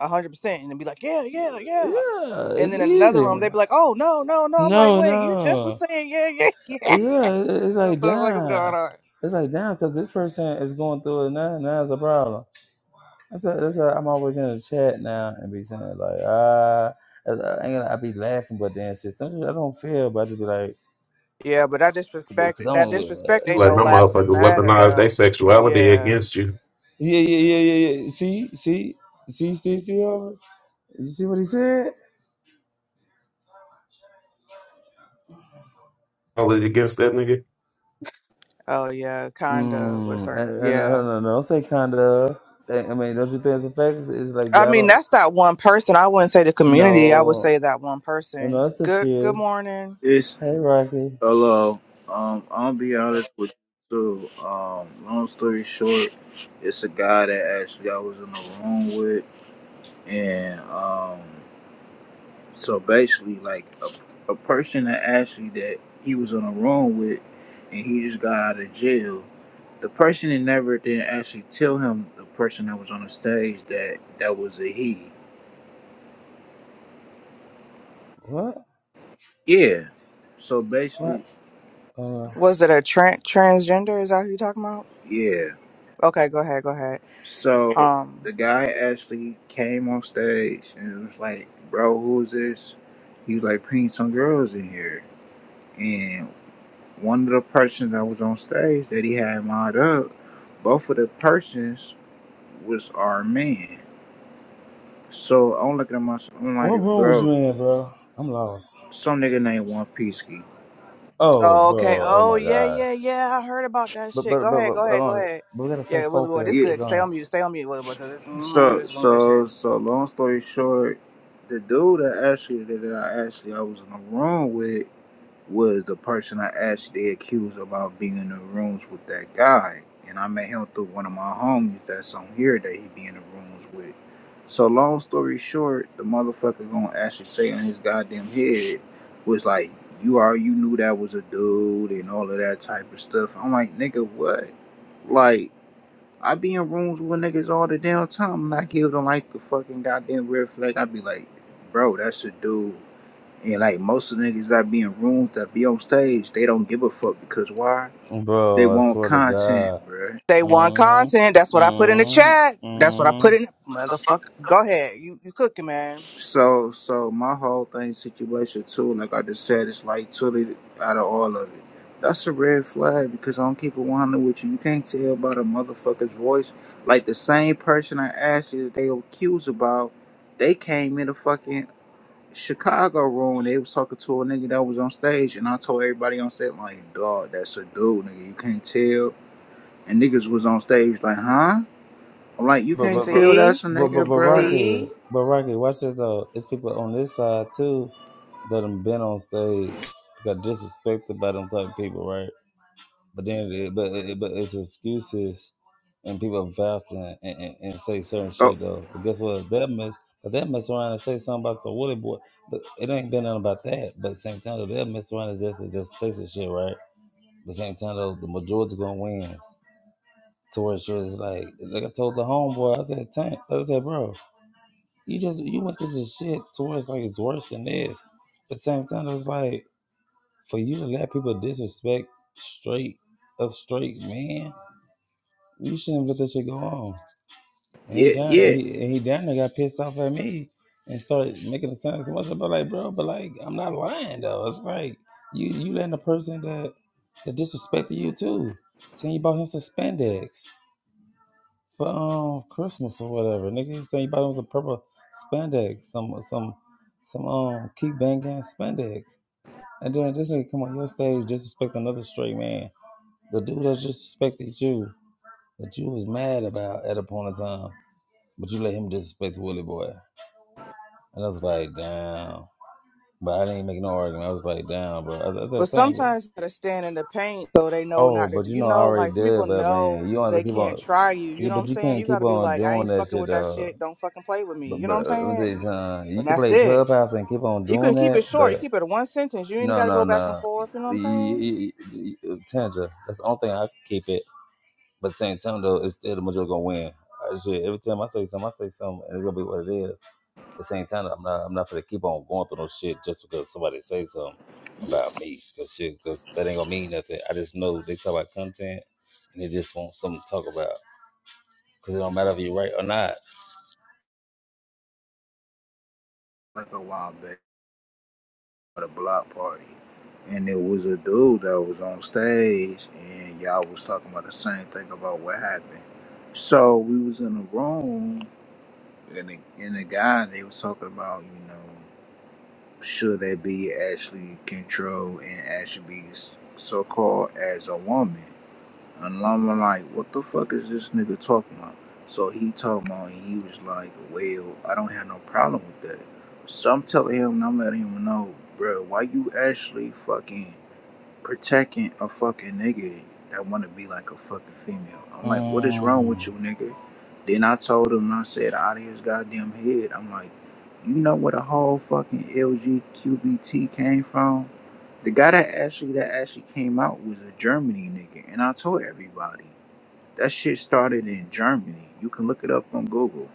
C: a 100% and then be like yeah yeah yeah
B: Yeah,
C: and
B: it's
C: then in another
B: easy.
C: room they be like oh no no no i'm like
B: No,
C: wait you just was
B: no.
C: saying yeah yeah yeah
B: Yeah, it- it's like
C: what the fuck is going
B: damn.
C: on
B: It's like damn, because this person is going through it now. Now it's a problem. That's why that's why I'm always in the chat now and be saying like ah. I I ain't gonna. I be laughing, but then shit. Sometimes I don't feel, but I just be like,
C: Yeah, but that disrespect
B: because I
C: that
B: don't. Uh,
C: disrespect
D: You
C: ain't no
D: letting them
B: 'cause-
D: motherfucker
C: laughing matter
D: weaponize their
C: though.
D: sexuality
C: Yeah.
D: against you?
B: yeah, yeah, yeah, yeah, yeah. See, see, see, see, see. Harvey? You see what he said?
D: All it against that nigga.
C: Oh yeah, kinda with
B: Mm,
C: certain
B: and, and I
C: yeah.
B: don't know. Don't say kind of. I mean, don't you think it's a fact? It's it's like
C: I
B: y'all
C: mean
B: don't.
C: that's that one person. I wouldn't say the community, I would
B: No,
C: say that one
B: no,
C: person.
B: it's a
C: Good good
B: fear.
C: morning.
E: It's
B: Hey, Rocky.
E: hello. Um, I'll be honest with you too. Um, long story short, it's a guy that actually I was in the room with, and um, so basically like a, a person that actually that he was in the room with, and he just got out of jail. The person that never did actually tell him the person that was on the stage that that was a he.
B: What?
E: Yeah. So
B: What?
E: basically,
B: Uh,
C: Was it a tran transgender? Is that who you talking about?
E: yeah.
C: Okay, go ahead, go ahead.
E: So
C: Um
E: the guy actually came on stage and was like, "Bro, who's this?" He was like, "Bring some girls in here." And one of the persons that was on stage that he had lined up, both of the persons was our man. So I'm looking at myself, I'm like,
B: what room was
E: "Bro,
B: you in, bro? I'm lost.
E: some nigga named One Piecey."
B: Oh,
C: oh, okay.
B: bro. Oh
C: Oh
B: my
C: yeah,
B: God.
C: yeah, yeah. I heard about that
B: But
C: shit.
B: but
C: Go
B: but
C: ahead,
B: but
C: go
B: hold
C: ahead, go
B: on.
C: ahead.
B: But we gotta stay
C: Yeah, Willie Boy, this
B: focused.
E: Yeah.
B: But
C: good.
B: go
C: Stay
B: ahead.
C: on mute, stay on mute, Willie Boy, because it's mm, this
E: So
C: is gonna get shit.
E: so so long story short, the dude that actually that I actually I was in the room with. was the person I actually accused about being in the rooms with that guy. And I met him through one of my homies that's on here that he be in the rooms with. So long story short, the motherfucker gonna actually say on his goddamn head was like, You are you knew that was a dude and all of that type of stuff. I'm like, nigga, what? Like, I be in rooms with niggas all the damn time and I give them like the fucking goddamn red flag. I be like, bro, that's a dude. And like most of the niggas that be in rooms that be on stage, they don't give a fuck because why? They
B: Bro, I
E: want
B: swear to
E: content,
B: God.
E: bruh.
C: They want
B: Mm,
C: content. That's what I put in the
B: mm,
C: chat. That's what I
B: mm.
C: put in. Motherfucker, go ahead. You you cooking, man.
E: So so my whole thing situation too, like I just said, it's like totally out of all of it. That's a red flag because I don't keep it 100 with you. You can't tell by the motherfucker's voice. Like the same person I asked you that they accused about, they came in a fucking Chicago room. They was talking to a nigga that was on stage, and I told everybody on stage like, dog, that's a dude, nigga. You can't tell And niggas was on stage like, huh? I'm like, you
B: But
E: can't
B: but but
E: feel
C: See,
E: that's a
B: but but,
E: nigga,
B: but
E: bruh.
B: Rocky,
C: see.
B: but Rocky, watch this though. It's people on this side too that have been on stage got disrespected by them type of people, right? But then, it, but it, but it's excuses, and people vouch and, and, and say certain
E: Oh,
B: shit though. But guess what? If That mess, if that mess around and say something about some Woody boy, but it ain't been nothing about that. But at the same time, if that mess around and just and just say some shit, right? But at the same time though, the majority gonna win to where she was like, like I told the homeboy, I said, Tank, I said, bro, you just you went through this shit to where it's like it's worse than this. At the same time, it's like for you to let people disrespect straight a straight man, you shouldn't let that shit go on. And he
E: yeah,
B: down
E: yeah.
B: he and he down there got pissed off at me and started making it sound so much about like, bro, but like I'm not lying though. It's like you you letting a person that that disrespected you too. Saying you bought him some spandex. for um Christmas or whatever. Nigga, you think you bought him some purple spandex, some some some um keep banging spandex. And then this nigga come on your stage disrespect another straight man. The dude that disrespected you, that you was mad about at a point in time, but you let him disrespect Willie Boy. And I was like, damn. But I didn't make no argument. I was like, damn, bro. I was
C: But
B: that thing.
C: sometimes you gotta stand in the paint so they know
B: Oh,
C: not to.
B: but
C: do
B: you
C: You
B: know I
C: know,
B: already
C: like some
B: did,
C: people
B: but man,
C: know
B: you don't have
C: they
B: to keep
C: can't
B: on.
C: try you. You
B: Yeah,
C: know what
B: but
C: I'm
B: you
C: saying?
B: can't
C: You
B: keep
C: gotta be
B: on
C: like, I
B: doing
C: ain't
B: that
C: fucking
B: shit,
C: with that
B: uh.
C: shit. Don't fucking play with me. You
B: But
C: know what I'm
B: but uh,
C: saying?
B: this,
C: And,
B: uh, you
C: and
B: can
C: that's
B: play
C: it.
B: clubhouse and keep on
C: You can
B: doing
C: keep it
B: that.
C: short. You
B: But
C: keep it one sentence. You ain't
B: no
C: gotta
B: no
C: go back and
B: no,
C: forth. You know what I'm
B: Y-
C: saying?
B: y- y- y- Tanja. That's the only thing I can keep it. But at the same time though, it's still the majority gonna win. I shit, every time I say something, I say something, and it's gonna be what it is. At the same time, I'm not I'm not gonna keep on going through no shit just because somebody say something about me. Cause shit, cause that ain't gonna mean nothing. I just know they talk about content, and they just want something to talk about. Cause it don't matter if you're right or not.
E: Like a while back at a block party. And it was a dude that was on stage and y'all was talking about the same thing about what happened. So we was in a room and the, and the guy, they was talking about, you know, should they be actually controlled and actually be so-called as a woman? And I'm like, what the fuck is this nigga talking about? So he told me, and he was like, well, I don't have no problem with that. So I'm telling him, and I'm letting him know, bro, why you actually fucking protecting a fucking nigga that want to be like a fucking female? I'm like, what is wrong with
B: Mm.
E: you, nigga? Then I told him, and I said, out of his goddamn head, I'm like, you know where the whole fucking LGQBT came from? The guy that actually that actually came out was a Germany nigga, and I told everybody that shit started in Germany. You can look it up on Google.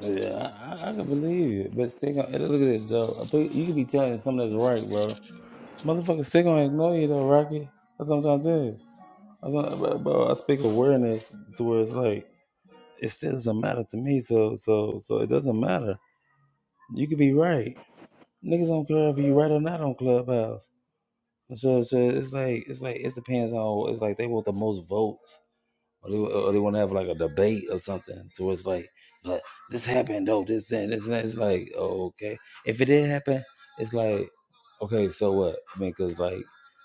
B: Yeah, I, I can believe it, but still, gonna, hey, look at this though. I think you could be telling something that's right, bro. Motherfucker, still gonna ignore you though, Rocky. That's what I'm trying to tell you. That's what, bro, bro, I speak awareness to where it's like it still doesn't matter to me. So, so, so it doesn't matter. You could be right. Niggas don't care if you right or not on Clubhouse. So, so it's like it's like it depends on it's like they want the most votes or they, or they want to have like a debate or something. So it's like, but this happened though, this then, this and that. It's like, oh, okay, if it did happen, it's like, okay, so what? I mean, cause like,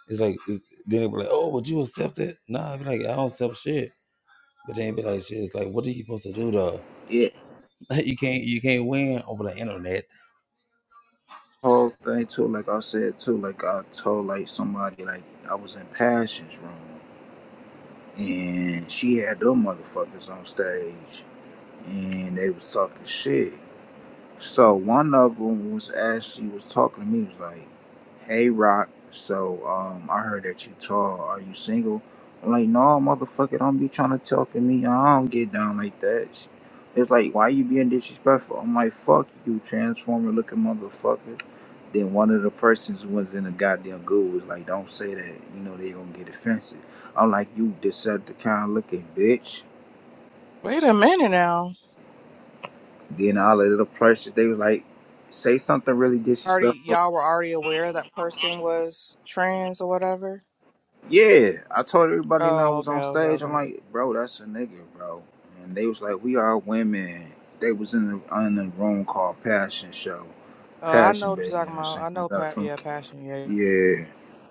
B: it's like it's, then they be like, oh, would you accept it? Nah, I be like, I don't accept shit. But then it be like, shit, it's like, what are you supposed to do though?
E: Yeah,
B: you can't, you can't win over the internet.
E: whole thing too. Like I said too. Like I told like somebody like I was in Passion's room, and she had them motherfuckers on stage, and they was talking shit. So one of them was actually was talking to me. He Was like, "Hey, Rock. So um, I heard that you tall. Are you single?" I'm like, "No, motherfucker. Don't be trying to talk to me. I don't get down like that." She- It's like, "Why you being disrespectful?" I'm like, "Fuck you, transformer looking motherfucker." Then one of the persons who was in the goddamn goo was like, "Don't say that. You know they gonna get offensive." I'm like, "You Decepticon looking bitch."
C: Wait a minute now.
E: Then all of the other persons they was like, "Say something really
C: Already,
E: disrespectful."
C: y'all were already aware that person was trans or whatever.
E: Yeah, I told everybody and I
C: Oh,
E: was
C: okay,
E: on
C: okay,
E: stage. I'm
C: okay.
E: like, bro, that's a nigga, bro. And they was like, we are women. They was in the in the room called Passion Show,
C: Uh, I know
E: Passion
C: what
E: Baby.
C: you're
E: You know
C: talking
E: what I'm
C: about.
E: saying
C: I know,
E: That's
C: pa-
E: from
C: yeah, passion, yeah.
E: yeah,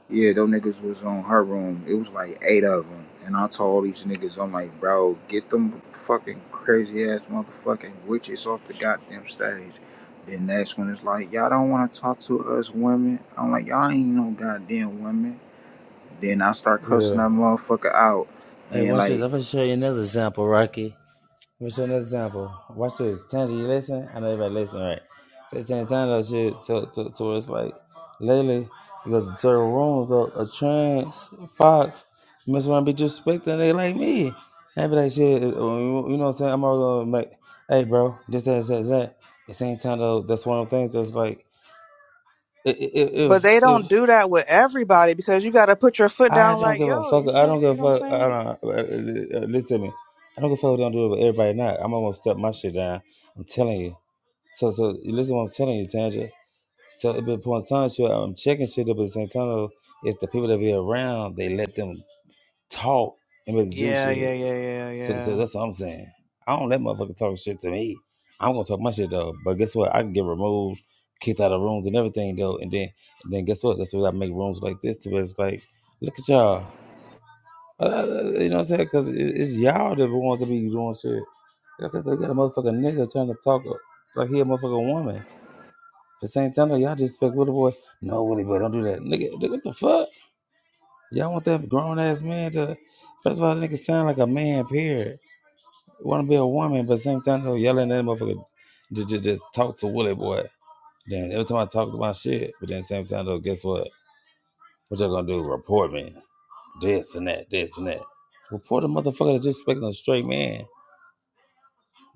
E: yeah. Those niggas was on her room. It was like eight of them, and I told these niggas, I'm like, bro, get them fucking crazy ass motherfucking witches off the goddamn stage. Then next one is like, y'all don't want to talk to us women. I'm like, y'all ain't no goddamn women. Then I start cussing
B: Yeah.
E: that motherfucker out.
B: Hey,
E: And
B: watch this.
E: like,
B: I'm gonna show you another example, Rocky. Let me show you another example. Watch this. Tanji, you listen? I know everybody listen, right? So Santana shit to, to, to where it's like lately because in certain rooms a, a trans fox must wanna be disrespecting they like me. I be like shit uh, you know what I'm saying? I'm all gonna make hey bro, this that that that. At the same time though, that's one of the things that's like i- i-
C: But
B: if
C: they don't
B: if
C: do that with everybody because you got to put your foot
B: I
C: down.
B: don't
C: Like,
B: give a
C: yo,
B: fuck.
C: you
B: I
C: can't.
B: don't
C: You know
B: give
C: what I'm
B: a fuck. I
C: saying?
B: don't, uh, uh, uh, listen to me. I don't give a fuck. What they don't do it, but everybody not. I'm almost step my shit down. I'm telling you. So so you listen. to What I'm telling you, Tanja. So at the point in time, sure, I'm checking shit up. But at the same time, though, it's the people that be around. They let them talk and make them do
C: Yeah,
B: shit.
C: yeah, yeah, yeah,
B: So so
C: yeah.
B: that's what I'm saying. I don't let motherfuckers talk shit to me. I'm gonna talk my shit though. But guess what? I can get removed, kicked out of rooms and everything though. And then and then guess what? That's what I make rooms like this to. Where it's like, look at y'all. Uh, uh, you know what I'm saying? Because it, it's y'all that wants to be doing shit. Like I said, they got a motherfucking nigga trying to talk like he a motherfucking woman. At the same time, though, y'all just expect little boy, no, Willie boy, don't do that. Nigga, nigga, what the fuck? Y'all want that grown ass man to, first of all, that nigga sound like a man, period. Want to be a woman, but at the same time, though, y'all letting that motherfucker just, just, just talk to Willie boy. Then every time I talk to my shit, but then at the same time, though, guess what? What y'all gonna do? Report me. This and that, this and that. Report a motherfucker that's disrespecting a straight man.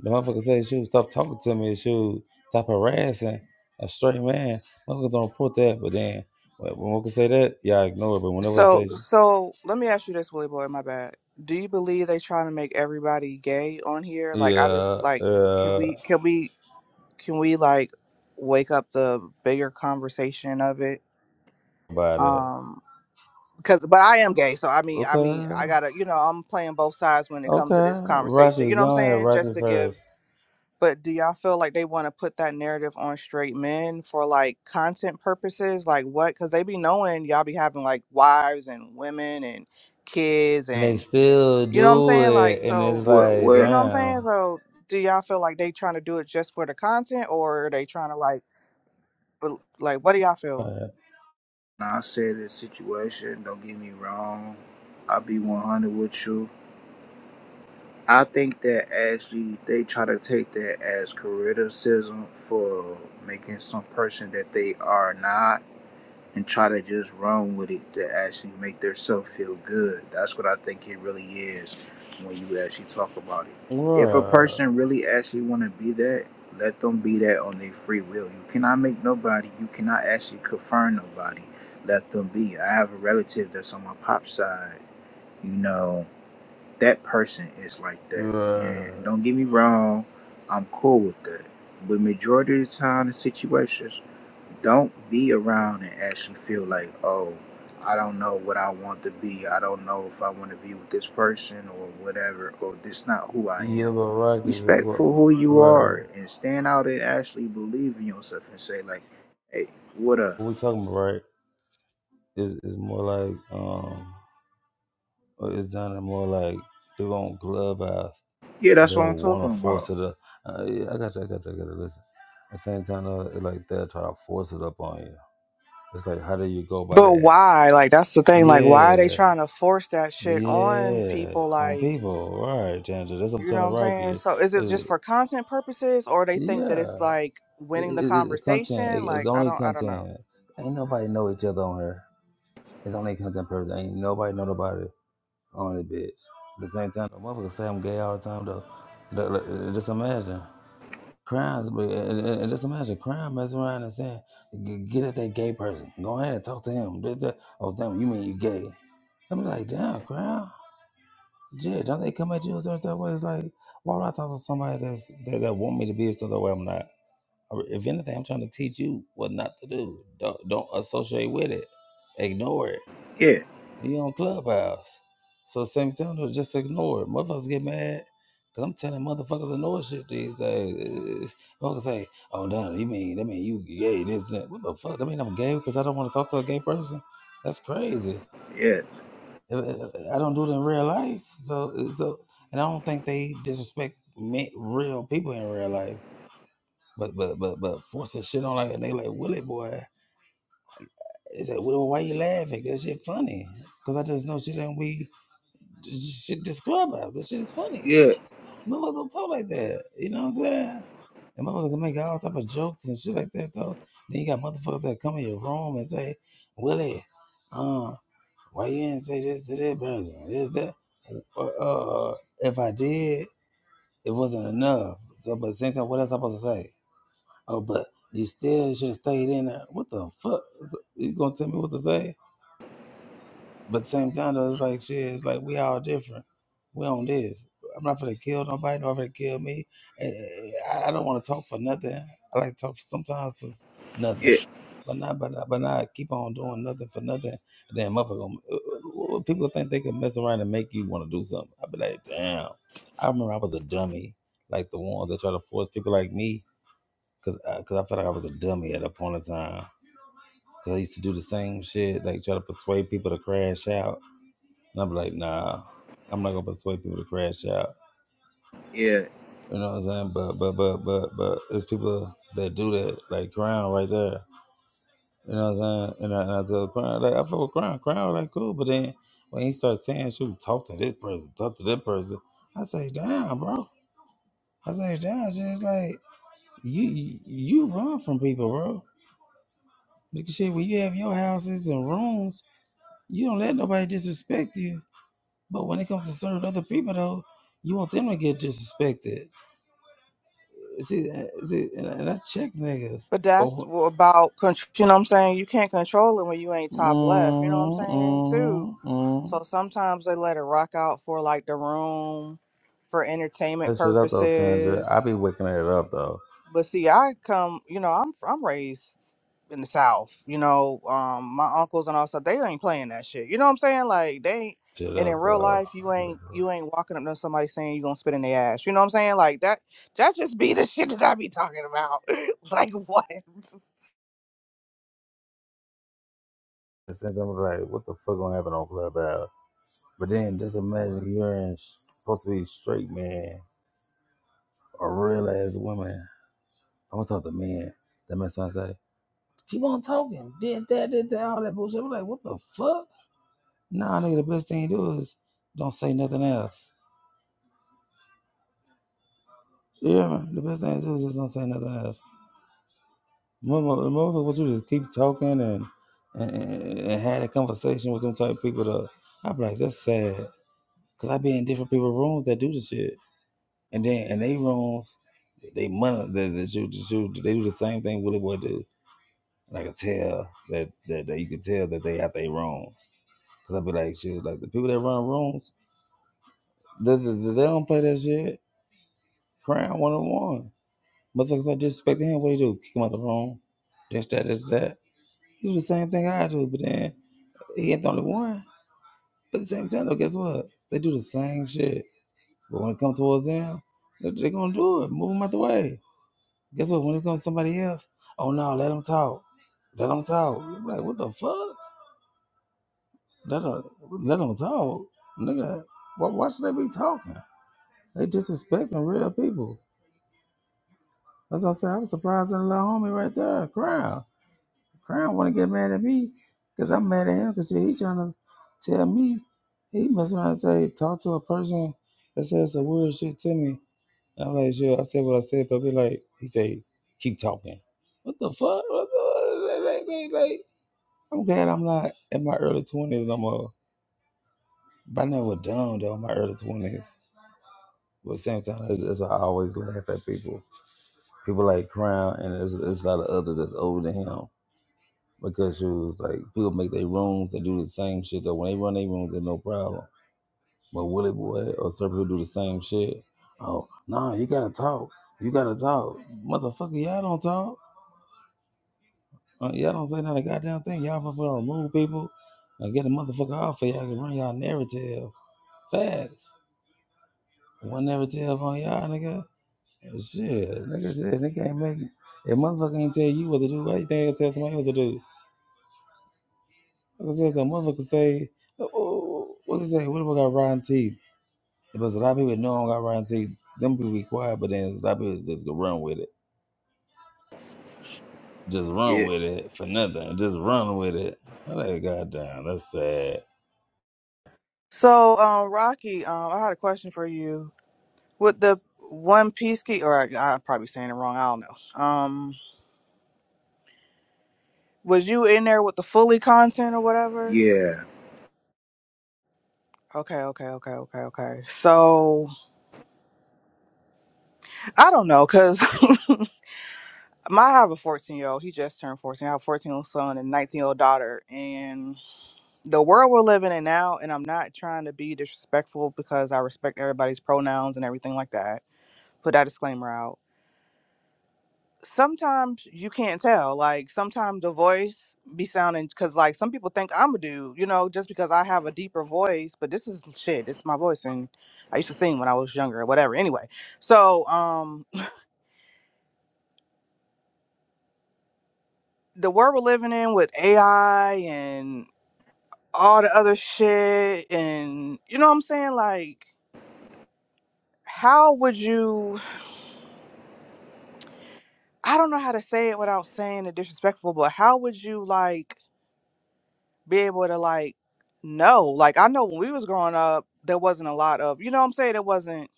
B: The motherfucker said she would stop talking to me. She would stop harassing a straight man. Motherfuckers don't report that, but then when when motherfuckers say that, y'all ignore it. But whenever I
C: So,
B: say, sh-
C: so let me ask you this, Willie boy. My bad. Do you believe they trying to make everybody gay on here? Like, I
B: yeah,
C: just like, can
B: uh,
C: we, can we, can we like wake up the bigger conversation of it?
B: about that.
C: Um. because but I am gay, so I mean, I mean, I
B: Okay,
C: gotta, you know, I'm playing both sides when it comes to this
B: okay.
C: conversation. You
B: Rocky,
C: know what I'm
B: go ahead,
C: saying? Just
B: Rocky
C: to give.
B: first.
C: But do y'all feel like they want to put that narrative on straight men for like content purposes? Like what? Because they be knowing y'all be having like wives and women and kids
B: And they
C: and
B: still
C: you know what I'm
B: do
C: saying? Like
B: it, and it's
C: so, th-
E: what,
B: like,
C: you
E: what?
C: know what I'm saying?
B: damn.
C: So do y'all feel like they trying to do it just for the content, or are they trying to like, bel- like what do y'all feel?
B: What?
E: I said the situation, don't get me wrong. I'll be 100 with you. I think that actually they try to take that as criticism for making some person that they are not and try to just run with it to actually make themselves feel good. That's what I think it really is when you actually talk about it. If a person really actually want to be that, let them be that on their free will. You cannot make nobody, you cannot actually confirm nobody. Let them be. I have a relative that's on my pop side. You know, that person is like
B: What?
E: that.
B: Like,
E: And don't get me wrong, I'm cool with that. But majority of the time, the situations, don't be around and actually feel like, oh, I don't know what I want to be. I don't know if I want to be with this person or whatever, or this not who I
B: Yeah,
E: am.
B: but Rocket,
E: Respect
B: what,
E: for who you
B: right?
E: are and stand out and actually believe in yourself and say, like, hey, what up?
B: What we talking about, right? Is is more like um, or it's down there more like they on clubhouse.
E: Yeah, that's what I'm
B: They'll
E: talking
B: want to force
E: about.
B: it up. Uh, yeah, I got you. I got you. I got you. Listen, at the same time, though, it's like they'll try to force it up on you. It's like, how do you go by
C: But
B: that?
C: why? Like that's the thing. Like why are they
B: Yeah,
C: trying to force that shit on
B: yeah,
C: people?
B: on
C: Like
B: people, right, Tangent. That's what I'm
C: you know what
B: telling
C: I'm saying?
B: Rocky.
C: So is it
B: Is
C: just
B: it?
C: for content purposes, or they think that
B: Yeah,
C: it's like
B: it,
C: winning the
B: it, it- content.
C: conversation?
B: It, it's
C: Like I
B: only
C: don't, I don't know.
B: content. Ain't nobody know each other on here. It's only content in person. Ain't nobody know nobody on this bitch. At the same time, the motherfuckers say I'm gay all the time though. Look, look, uh, Just imagine crimes, but uh, uh, uh, just imagine crime messing around and saying, "G- "Get at that gay person. Go ahead and talk to him." This, that. Oh damn, you mean you gay? I'm like, damn, crime. Yeah, don't they come at you a certain type of way? It's like, why would I talk to somebody that's that, that want me to be a certain way I'm not? Or If anything, I'm trying to teach you what not to do. Don't don't associate with it. Ignore it.
E: Yeah,
B: You on Clubhouse. So same time, though, just ignore it. Motherfuckers get mad. Cause I'm telling motherfuckers ignore shit these days. Uh, Motherfuckers say, oh no, you mean that mean you gay, this that. What the fuck? That mean I'm gay because I don't want to talk to a gay person? That's crazy.
E: yeah,
B: I I- I don't do it in real life. So so and I don't think they disrespect me, real people in real life. But but but but forcing shit on like and they like Willie boy. It's like, well, why you laughing? That shit funny. Cause I just know shit ain't we shit, this clubhouse, this shit is funny.
E: yeah,
B: Motherfuckers don't talk like that. You know what I'm saying? And motherfuckers make all type of jokes and shit like that though. Then you got motherfuckers that come in your room and say, Willie, uh, why you didn't say this to that person? This that uh, uh, if I did, it wasn't enough. So but at the same time, what else I supposed to say? Oh, but you still should have stayed in there. What the fuck? So, You gonna tell me what to say? But at the same time, though, it's like shit. It's like we all different. We on this. I'm not gonna kill nobody. Nobody finna kill me. Eh, eh, I I don't want to talk for nothing. I like to talk sometimes for s-
E: yeah,
B: nothing, but not but not, but not keep on doing nothing for nothing. Then motherfucker, gonna- eh, eh, eh, people think they can mess around and make you want to do something. I be like, damn. I remember I was a dummy, like the ones that try to force people like me, cause I, cause I felt like I was a dummy at a point in time. Cause I used to do the same shit, like try to persuade people to crash out and I'm like, nah, I'm not gonna persuade people to crash out.
E: yeah,
B: You know what I'm saying? But but but but but it's people that do that, like Crown right there. You know what I'm saying? And I, and I tell Crown, like I fuck with Crown, Crown like cool, but then when he starts saying shoot, talk to this person, talk to that person, I say, damn, bro. I say, damn, shit, it's like you you you run from people, bro. Nigga shit, when you have your houses and rooms, you don't let nobody disrespect you. But when it comes to certain other people though, you want them to get disrespected. See, uh, see, and I and I check niggas.
C: But that's
B: Oh,
C: wh- about control. You know what I'm saying? You can't control it when you ain't top left. You know what I'm saying too.
B: mm-hmm, mm-hmm.
C: So sometimes they let it rock out for like the room, for entertainment
B: That shit up though, Tanger. I be
C: purposes.
B: waking it up though.
C: But see, I come, you know, I'm I'm raised in the South. You know, um, my uncles and all stuff, they ain't playing that shit. You know what I'm saying? Like they ain't.
B: Shit
C: And in
B: up
C: real
B: though.
C: life, you ain't you ain't walking up to somebody saying you gonna spit in their ass. You know what I'm saying? Like that. That just be the shit that I be talking about. like what?
B: Since I'm like, what the fuck gonna happen on Clubhouse? But then just imagine you're in, supposed to be straight man or real ass woman. I'm gonna talk to men. That makes sense. Say, keep on talking. Did that, did that, all that bullshit. I'm like, what the fuck? Nah, nigga, the best thing to do is don't say nothing else. Yeah, the best thing to do is just don't say nothing else. Motherfucker, motherfucker what you to just keep talking and, and and and had a conversation with them type of people. To, I be like, that's sad, cause I be in different people rooms that do this shit, and then in they rooms, they money that that you, that you they do the same thing Willie Boy do. And I could tell that, that that you could tell that they out they wrong, cause I be like, shit, like the people that run rooms, they, they, they don't play that shit. Crown one on one, motherfuckers are disrespecting him. What do you do? Kick him out the room. This that, this that. He do the same thing I do, but then he ain't the only one. But at the same time, though, guess what? They do the same shit. But when it comes towards them, they're they gonna do it. Move them out the way. Guess what? When it comes to somebody else, oh no, let them talk. Let them talk. I'm like, what the fuck? Let them, let them talk, nigga. Why, why should they be talking? They disrespecting real people. That's what I said. I was surprised at the little homie right there, crying. Crown want to get mad at me because I'm mad at him because he trying to tell me he must want to say talk to a person that says some weird shit to me. And I'm like, sure, I said what I said. They'll be like, he say, keep talking. What the fuck? What the, like, like, like, like, I'm glad I'm not in my early twenties no more. But I never dumb though in my early twenties. But at the same time, it's, it's, I always laugh at people. People like Crown, and there's, there's a lot of others that's older than him. because it was like people make their rooms They do the same shit though. When they run their rooms, there's no problem. But Willie Boy or certain people do the same shit. Oh, nah, you gotta talk. You gotta talk. Motherfucker, y'all don't talk. Uh, y'all don't say not a goddamn thing. Y'all fucking remove people and get a motherfucker off of y'all can run y'all narrative fast. One narrative on y'all, nigga. Shit, nigga, shit, nigga ain't making. If motherfucker ain't tell you what to do, why you think he'll tell somebody what to do? Like I said, cause motherfuckers say, oh, oh, oh, what they say? What if I got rotten teeth? Because a lot of people know I don't got rotten teeth. Them people be quiet, but then a lot of people just go run with it. Just
E: yeah,
B: run with it for nothing. Just run with it. I'm like, goddamn, that's sad.
C: So, um, Rocky, um, I had a question for you. With the One Piece key, or I, I'm probably saying it wrong. I don't know. Um, was you in there with the fully content or whatever?
E: yeah.
C: Okay, okay, okay, okay, okay. So I don't know, cause my I have a fourteen year old. He just turned fourteen. I have a fourteen year old son and nineteen year old daughter. And the world we're living in now, and I'm not trying to be disrespectful because I respect everybody's pronouns and everything like that. Put that disclaimer out. Sometimes you can't tell. Like sometimes the voice be sounding because like some people think I'm a dude, you know, just because I have a deeper voice. But this is shit. This is my voice, and I used to sing when I was younger or whatever. Anyway. So, um, the world we're living in with AI and all the other shit and you know what I'm saying? Like how would you I don't know how to say it without saying it disrespectful, but how would you like be able to like know? Like I know when we was growing up there wasn't a lot of you know what I'm saying, it wasn't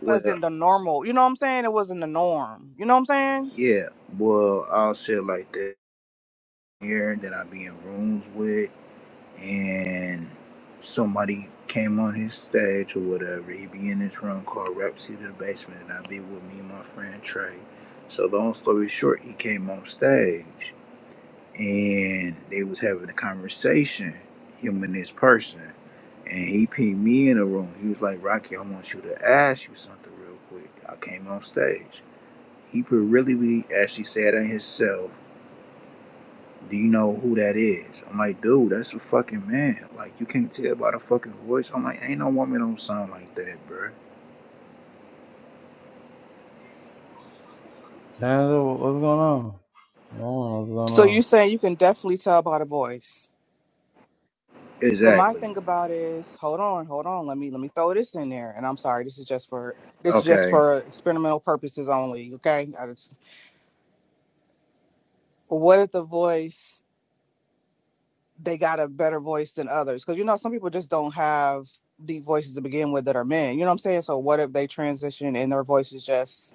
E: Well,
C: wasn't the normal you know what I'm saying? It wasn't the norm. You know what I'm saying?
E: yeah, well, I'll say it like that here that I be in rooms with. and somebody came on his stage or whatever, he be in this room called Rhapsody of the Basement, and i be with me and my friend Trey. So long story short, he came on stage and they was having a conversation, him and this person. And he pinged me in the room. He was like, Rocky, I want you to ask you something real quick. I came on stage. He could really be actually said it himself do you know who that is? I'm like, dude, that's a fucking man. Like, you can't tell by the fucking voice. I'm like, ain't no woman don't sound like that, bro.
B: Tanzer, wha- what's going on? I don't know what's going
C: So you
B: on.
C: saying you can definitely tell by the voice. But my
E: Exactly.
C: thing about is, hold on, hold on. Let me let me throw this in there. And I'm sorry, this is just for this is just
E: Okay.
C: for experimental purposes only. Okay. I just- what if the voice they got a better voice than others? Because you know some people just don't have deep voices to begin with that are men. You know what I'm saying? So what if they transition and their voice is just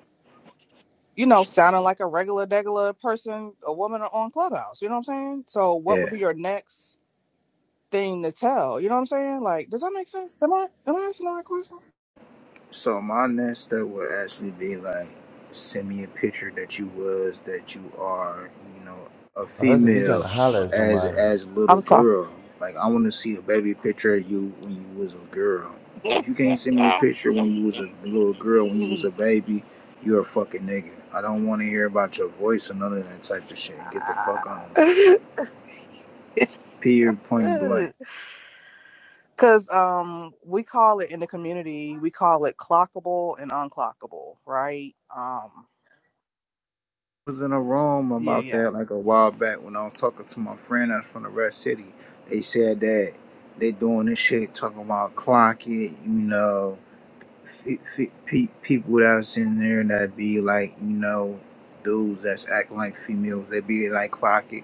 C: you know sounding like a regular degular person, a woman on Clubhouse? You know what I'm saying? So what
E: Yeah.
C: would be your next thing to tell? You know what I'm saying? Like, does that make sense? Am I am I asking the right question?
E: So my next step would actually be like send me a picture that you was that you are, you know, a
B: Unless if you trying
E: female
B: to holler at
E: as
B: somebody.
E: as a little
C: I'm talking.
E: girl. Like I want to see a baby picture of you when you was a girl. If you can't send me a picture when you was a little girl, when you was a baby, you're a fucking nigga. I don't want to hear about your voice or none of that type of shit. Get the fuck on. Period. Point blank.
C: Cause um we call it in the community, we call it clockable and unclockable, right? Um
E: was in a room
C: yeah,
E: about
C: yeah.
E: that like a while back when I was talking to my friend that's from the Red City. They said that they doing this shit talking about clock it, you know, f- f- pe- people that's in there that be like, you know, dudes that's acting like females. They be like clock it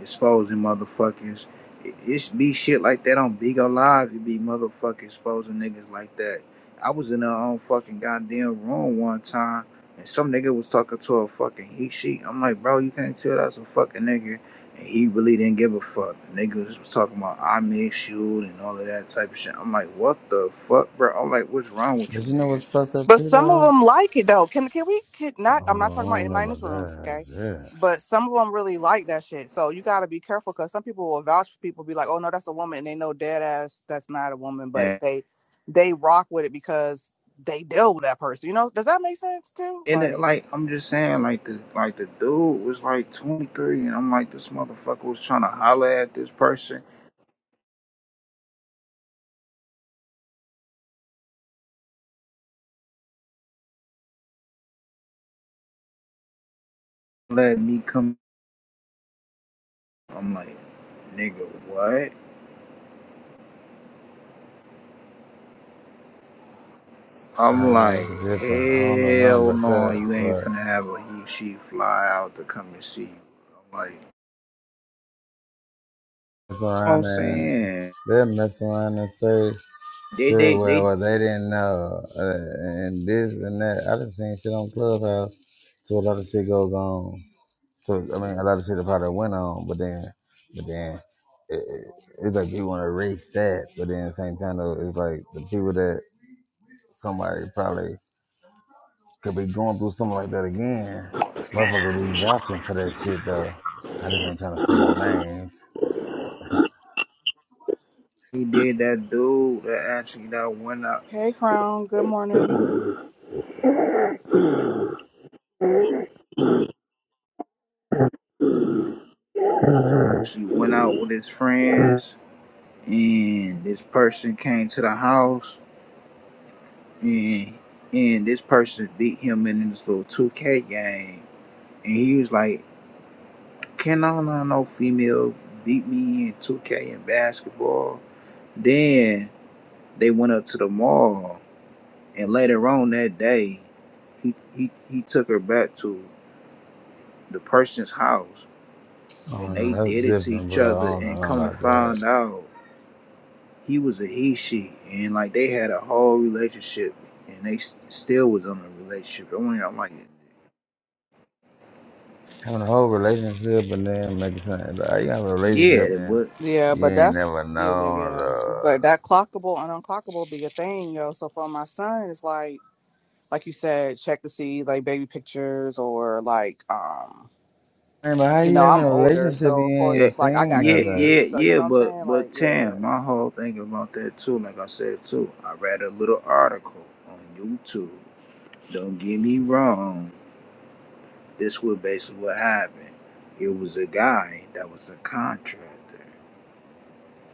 E: exposing motherfuckers. It, it be shit like that on Big O Live. It be motherfuckers exposing niggas like that. I was in our own fucking goddamn room one time, and some nigga was talking to a fucking he she. I'm like, bro, you can't tell that's a fucking nigga. And he really didn't give a fuck. The niggas was talking about I miss you and all of that type of shit. I'm like, what the fuck, bro? I'm like, what's wrong with
B: But
E: you,
B: you know
E: nigga?
B: what's fucked up
C: But
B: too,
C: some of
B: though?
C: them like it though. Can can we can
B: Oh,
C: not I'm not
B: I
C: talking about
B: don't
C: anybody in
B: know
C: this
B: about
C: room,
B: that.
C: okay?
B: Yeah.
C: But some of them really like that shit. So you got to be careful cuz some people will vouch for people be like, "Oh no, that's a woman." And they know dead ass that's not a woman, but
E: And
C: they they rock with it because they deal with that person. You know, does that make sense too?
E: And it,
C: Like,
E: like I'm just saying, like the like the dude was like 23, and I'm like this motherfucker was trying to holler at this person, let me come. I'm like, nigga, what? I'm
B: Uh, that's
E: like,
B: different. I don't know nothing
E: hell
B: about
E: no, you ain't
B: that.
E: finna have a he she fly out to come and see you. I'm like, you
B: mess
E: know what I'm
B: around and
E: saying
B: they mess around and say
E: they
B: shit
E: they
B: well,
E: they
B: well they didn't know uh, and this and that. I done seen shit on Clubhouse. So a lot of shit goes on. So I mean, a lot of shit that probably went on, but then, but then it, it- it's like you want to erase that, but then at the same time though, it's like the people that somebody probably could be going through something like that again. Motherfucker be vouching for that shit though. I just ain't trying to say no names.
E: he did that dude that actually that went out
C: "Hey Crown, good morning."
F: Mm-hmm.
E: she went out with his friends and this person came to the house and and this person beat him in this little 2K game, and he was like, "Can I not no female beat me in 2K in basketball?" Then they went up to the mall, and later on that day, he he he took her back to the person's house,
B: Oh
E: and they
B: no, that's
E: did it to
B: different,
E: each
B: bro. I
E: other,
B: don't know
E: and
B: nothing
E: come to
B: about that.
E: find out. He was a he she, and like they had a whole relationship, and they s- still was on a relationship. I'm like, I'm like,
B: Having a whole relationship and then making something like you have a relationship
E: yeah,
B: and
E: but
C: Yeah,
B: you
C: but
B: ain't
C: that's
B: never
C: yeah, yeah,
B: known
C: yeah. But
B: or
C: that clockable and unclockable be a thing, yo. So for my son, it's like like you said, check to see like baby pictures or like um
B: Man, but how
C: you
B: you
C: know,
B: having
C: I'm
B: a
C: older,
B: relationship and
C: so of
B: you
C: course
E: Yeah,
B: ain't
C: it's like I
B: seen
C: got
E: yeah,
B: nothing?
E: yeah,
C: kids, so you
E: yeah.
C: know what I'm
E: But
C: saying? Like,
E: but
C: yeah, yeah.
E: Tam, my whole thing about that too, like I said too, I read a little article on YouTube. Don't get me wrong. This was basically what happened. It was a guy that was a contractor.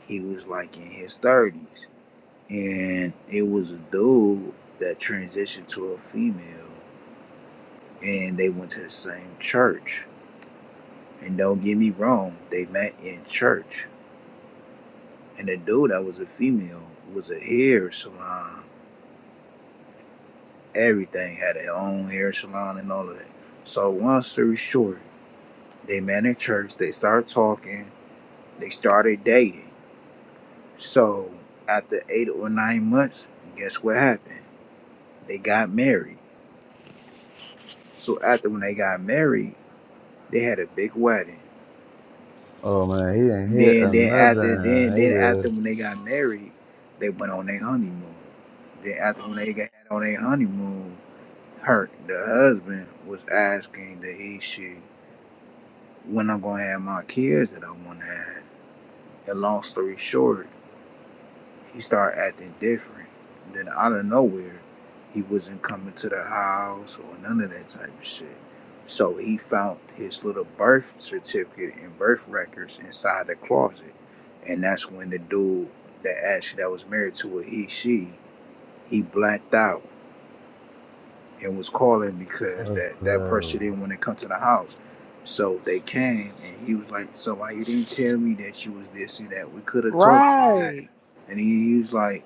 E: He was like in his thirties, and it was a dude that transitioned to a female, and they went to the same church. And don't get me wrong, they met in church And the dude that was a female was a hair salon. Everything had their own hair salon and all of that. So long story short, they met in church, they started talking, they started dating. So after eight or nine months, guess what happened? They got married. So after when they got married, they had a big wedding.
B: Oh man, he didn't hit
E: Then then after
B: another.
E: then then
B: He
E: after
B: just
E: when they got married, they went on their honeymoon. Then after when they got on their honeymoon, her the husband was asking that he should when I'm gonna have my kids that I wanna have. And long story short, he started acting different. And Then out of nowhere, he wasn't coming to the house or none of that type of shit. So he found his little birth certificate and birth records inside the closet. And that's when the dude that actually that was married to her, he she, he blacked out and was calling because
B: that's
E: that that person
B: crazy.
E: didn't want to come to the house. So they came and he was like, "So why you didn't tell me that you was this and that? We could have talked about that."
C: Right.
E: And he, he was like,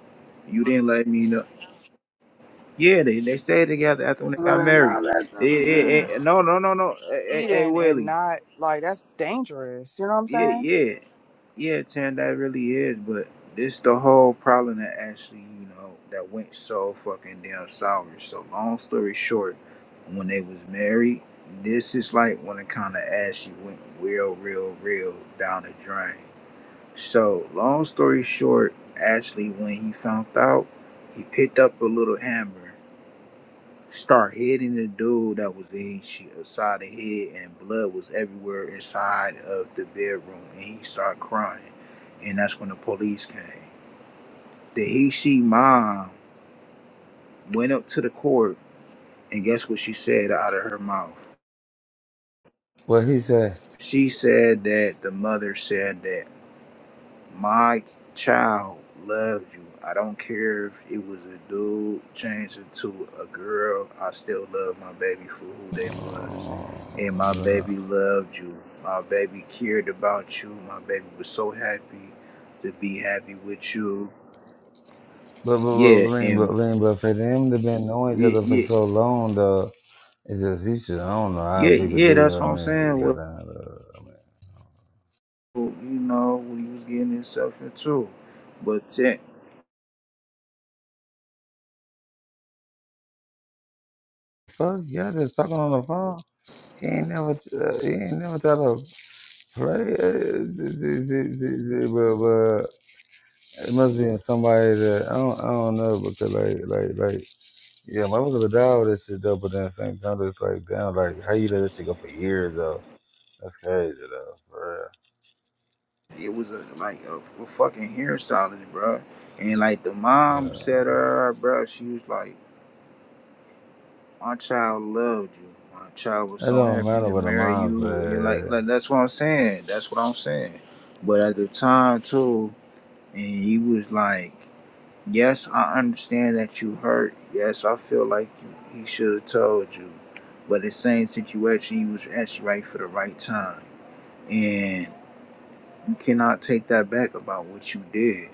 E: "You didn't let me know." Yeah, they they stayed together after when they got
B: And
E: married.
B: all that
E: Eh,
B: type
E: eh,
B: of shit.
E: eh, no, no, no, no. Hey, hey, hey,
C: Eating and
E: Willie.
C: not like that's dangerous, you know what I'm
E: Yeah,
C: saying?
E: yeah. Yeah, Tan, that really is, but this the whole problem that actually, you know, that went so fucking damn sour. So long story short, when they was married, this is like when it kinda actually went real, real, real down the drain. So long story short, actually when he found out, he picked up a little hammer start hitting the dude that was in his sh- side of the head and blood was everywhere inside of the bedroom and he started crying and that's when the police came the he she mom went up to the court and guess what she said out of her mouth
B: What he said?
E: she said that the mother said that My child loved you. I don't care if it was a dude changing to a girl. I still love my baby for who they was. And my
B: Oh,
E: baby loved you. My baby cared about you. My baby was so happy to be happy with you.
B: But but but
E: Yeah,
B: but man, but
E: and
B: man, but for them to been knowing each
E: yeah,
B: other for
E: yeah,
B: so long, though, it's just each other. I don't know how
E: yeah,
B: people
E: yeah
B: do.
E: that's
B: that,
E: what
B: I
E: I'm
B: mean,
E: saying. Well,
B: goddamn, uh,
E: you know, what he was getting himself into. But te-
B: fuck, y'all just talking on the phone. He ain't never, uh, he ain't never try to play. Uh, z- z- z- z- z- but, but it must be in somebody that I don't, I don't know because like, like, like, yeah, motherfuckers die all this shit though. But then at the same time, it's like, damn, like how you let this shit go for years though? That's crazy though, for
E: It was a, like a, a fucking hairstylist, bro. And like the
B: real.
E: mom said
B: Yeah.
E: to her, bro, she was like, "My child loved you. My child was
B: It
E: so
B: don't
E: happy
B: matter
E: to
B: what
E: marry
B: Amon's
E: you." And like,
B: at.
E: like that's what I'm saying. That's what I'm saying. But at the time too, and he was like, "Yes, I understand that you hurt. Yes, I feel like you, he should have told you." But the same situation, he was actually right for the right time, and you cannot take that back about what you did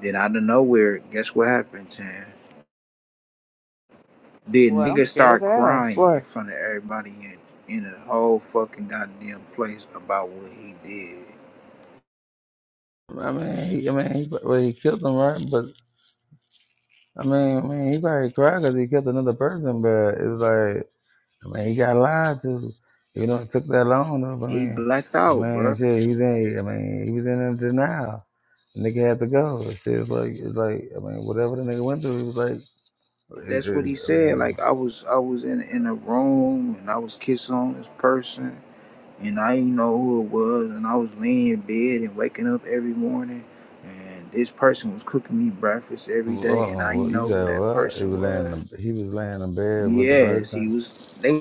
E: Then out of nowhere, guess what happened to him? The
C: What I'm
E: nigga
C: scared
E: start
C: to ask.
E: crying in
C: What?
E: front of everybody in, in the whole fucking goddamn place about what he did.
B: I mean, he, I mean, he, well, he killed him, right? But I mean, I mean, he probably cried because he killed another person. But it was like, I mean, he got lied to. You know, it took that long. Though, I
E: He
B: mean,
E: blacked
B: I
E: out,
B: mean,
E: bro.
B: shit, he's in. I mean, he was in a denial. The nigga had to go. Shit, it's like, it's like, I mean, whatever the nigga went through, he was like, it,
E: That's what
B: it,
E: he
B: I
E: said.
B: mean,
E: Like I was I was in in a room and I was kissing on this person and I didn't know who it was and I was laying in bed and waking up every morning and this person was cooking me breakfast every
B: hold
E: day and
B: on.
E: I
B: What,
E: didn't
B: you
E: know who
B: said
E: that
B: what? He
E: person
B: was laying.
E: was.
B: in the- He was laying in bed with the
E: Yes, he
B: person.
E: was. They.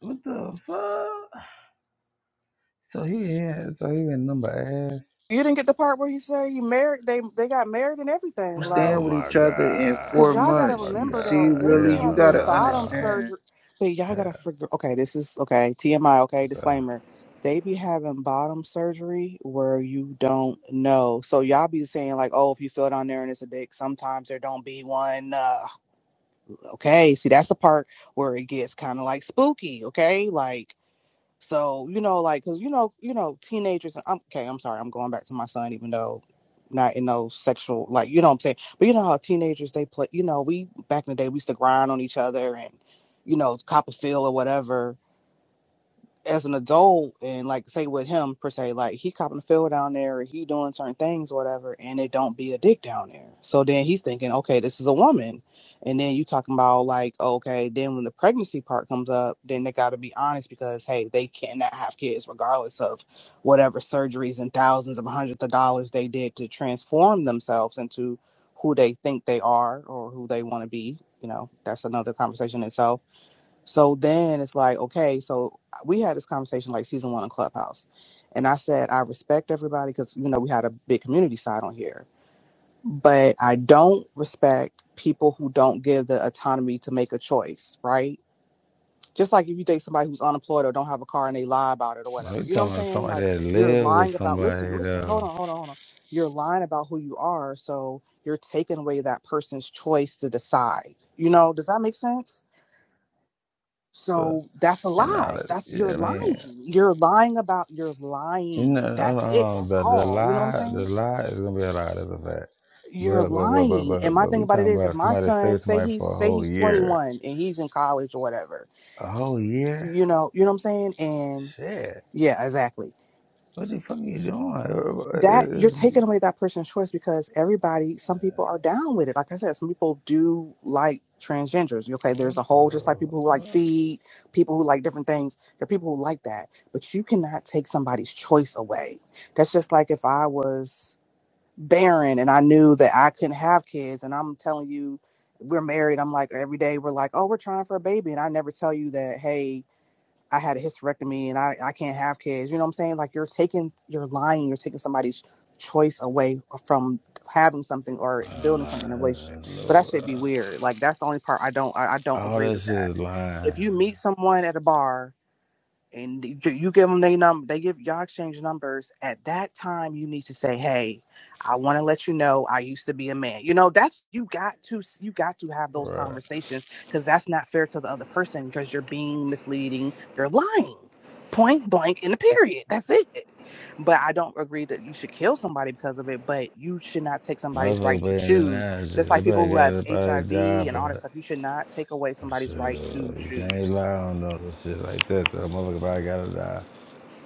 B: What the fuck? So he had, so he been number ass.
C: You didn't get the part where you say you married they they got married and everything.
B: Oh
C: like.
E: stand with
B: my
E: each other in
C: Cause
E: four
B: god.
C: y'all gotta
B: Oh my
E: months. You
C: remember
E: see,
C: though,
B: god.
C: they be
E: Willie, you
B: Hell
C: having
E: gotta
C: bottom
B: nah.
E: understand.
C: surgery. But y'all gotta
B: Hell
C: figure. Okay, this is okay. TMI. Okay,
B: nah.
C: disclaimer. They be having bottom surgery where you don't know. So y'all be saying like, oh, if you feel down there and it's a dick, sometimes there don't be one. Uh, okay, see that's the part where it gets kind of like spooky. Okay, like so you know, like, cause you know, you know, teenagers. and I'm okay. I'm sorry. I'm going back to my son, even though not in no sexual, like, you know what I'm saying. But you know how teenagers they play. You know, we back in the day we used to grind on each other and you know Copperfield or whatever as an adult and like say with him per se, like he copping the field down there or he doing certain things or whatever, and it don't be a dick down there. So then he's thinking, okay, this is a woman. And then you talking about like, okay, then when the pregnancy part comes up, then they gotta be honest because hey, they cannot have kids regardless of whatever surgeries and thousands of hundreds of dollars they did to transform themselves into who they think they are or who they wanna be. You know, that's another conversation itself so then it's like, okay, so we had this conversation like season one on Clubhouse. And I said, I respect everybody because, you know, we had a big community side on here. But I don't respect people who don't give the autonomy to make a choice, right? Just like if you date somebody who's unemployed or don't have a car and they lie about it or
B: No,
C: whatever.
B: he
C: You know what
B: talking
C: I'm
B: about
C: saying?
B: somebody
C: Like
B: that
C: you're
B: live
C: lying
B: with
C: about, listen,
B: somebody
C: listen,
B: though.
C: hold on, hold on, hold on. You're lying about who you are. So you're taking away that person's choice to decide. You know, does that make sense?
B: But
C: So that's a
B: and all
C: lie.
B: that
C: That's you're
B: yeah, I mean,
C: lying. You're lying about you're
B: you know, I
C: lying.
B: don't,
C: That's
B: I
C: it.
B: don't
C: That's
B: know, the the
C: all. You know what I'm
B: lie the
C: saying?
B: lie is gonna be a lie, that's a fact.
C: You're
B: But but but but
C: lying. And
B: but
C: my
B: but
C: thing
B: we
C: about it
B: talking
C: is if
B: about
C: my
B: somebody that stayed
C: son
B: with
C: say
B: somebody
C: he's
B: for a
C: say
B: whole
C: he's
B: year.
C: 21 and he's in college or whatever,
B: A whole year?
C: you know, you know what I'm saying? And
B: Shit.
C: yeah, exactly.
B: What the fuck are you doing? Everybody
C: that you're taking
B: is-
C: away that person's choice because everybody some people are down with it like i said some people do like transgenders okay
B: What
C: there's a whole just like people who
B: the
C: like feed people who like different things there are people who like that but you cannot take somebody's choice away that's just like if i was barren and i knew that i couldn't have kids and i'm telling you we're married i'm like every day we're like oh we're trying for a baby and i never tell you that hey I had a hysterectomy and I, I can't have kids. You know what I'm saying? Like you're taking, you're lying, you're taking somebody's choice away from having something or building something in a relationship. So that should be weird. Like that's the only part I don't, I, I don't
B: All
C: agree
B: that
C: with
B: shit
C: that.
B: is lying.
C: If you meet someone at a bar and you give them they num they give y'all exchange numbers at that time you need to say hey i want to let you know i used to be a man you know that's you got to you got to have those
B: Right.
C: conversations because that's not fair to the other person because you're being misleading you're lying point blank in the period that's it but i don't agree that you should kill somebody because of it but you should not take somebody's right
B: Motherfucker
C: to
B: being
C: choose
B: denied shit.
C: just like people
B: Everybody
C: who
B: got
C: have
B: everybody
C: hiv
B: die,
C: and all that
B: but
C: stuff you should not take away
B: sure,
C: somebody's right to
B: you
C: choose
B: can't lie on no shit like that. though. motherfucker probably gotta die.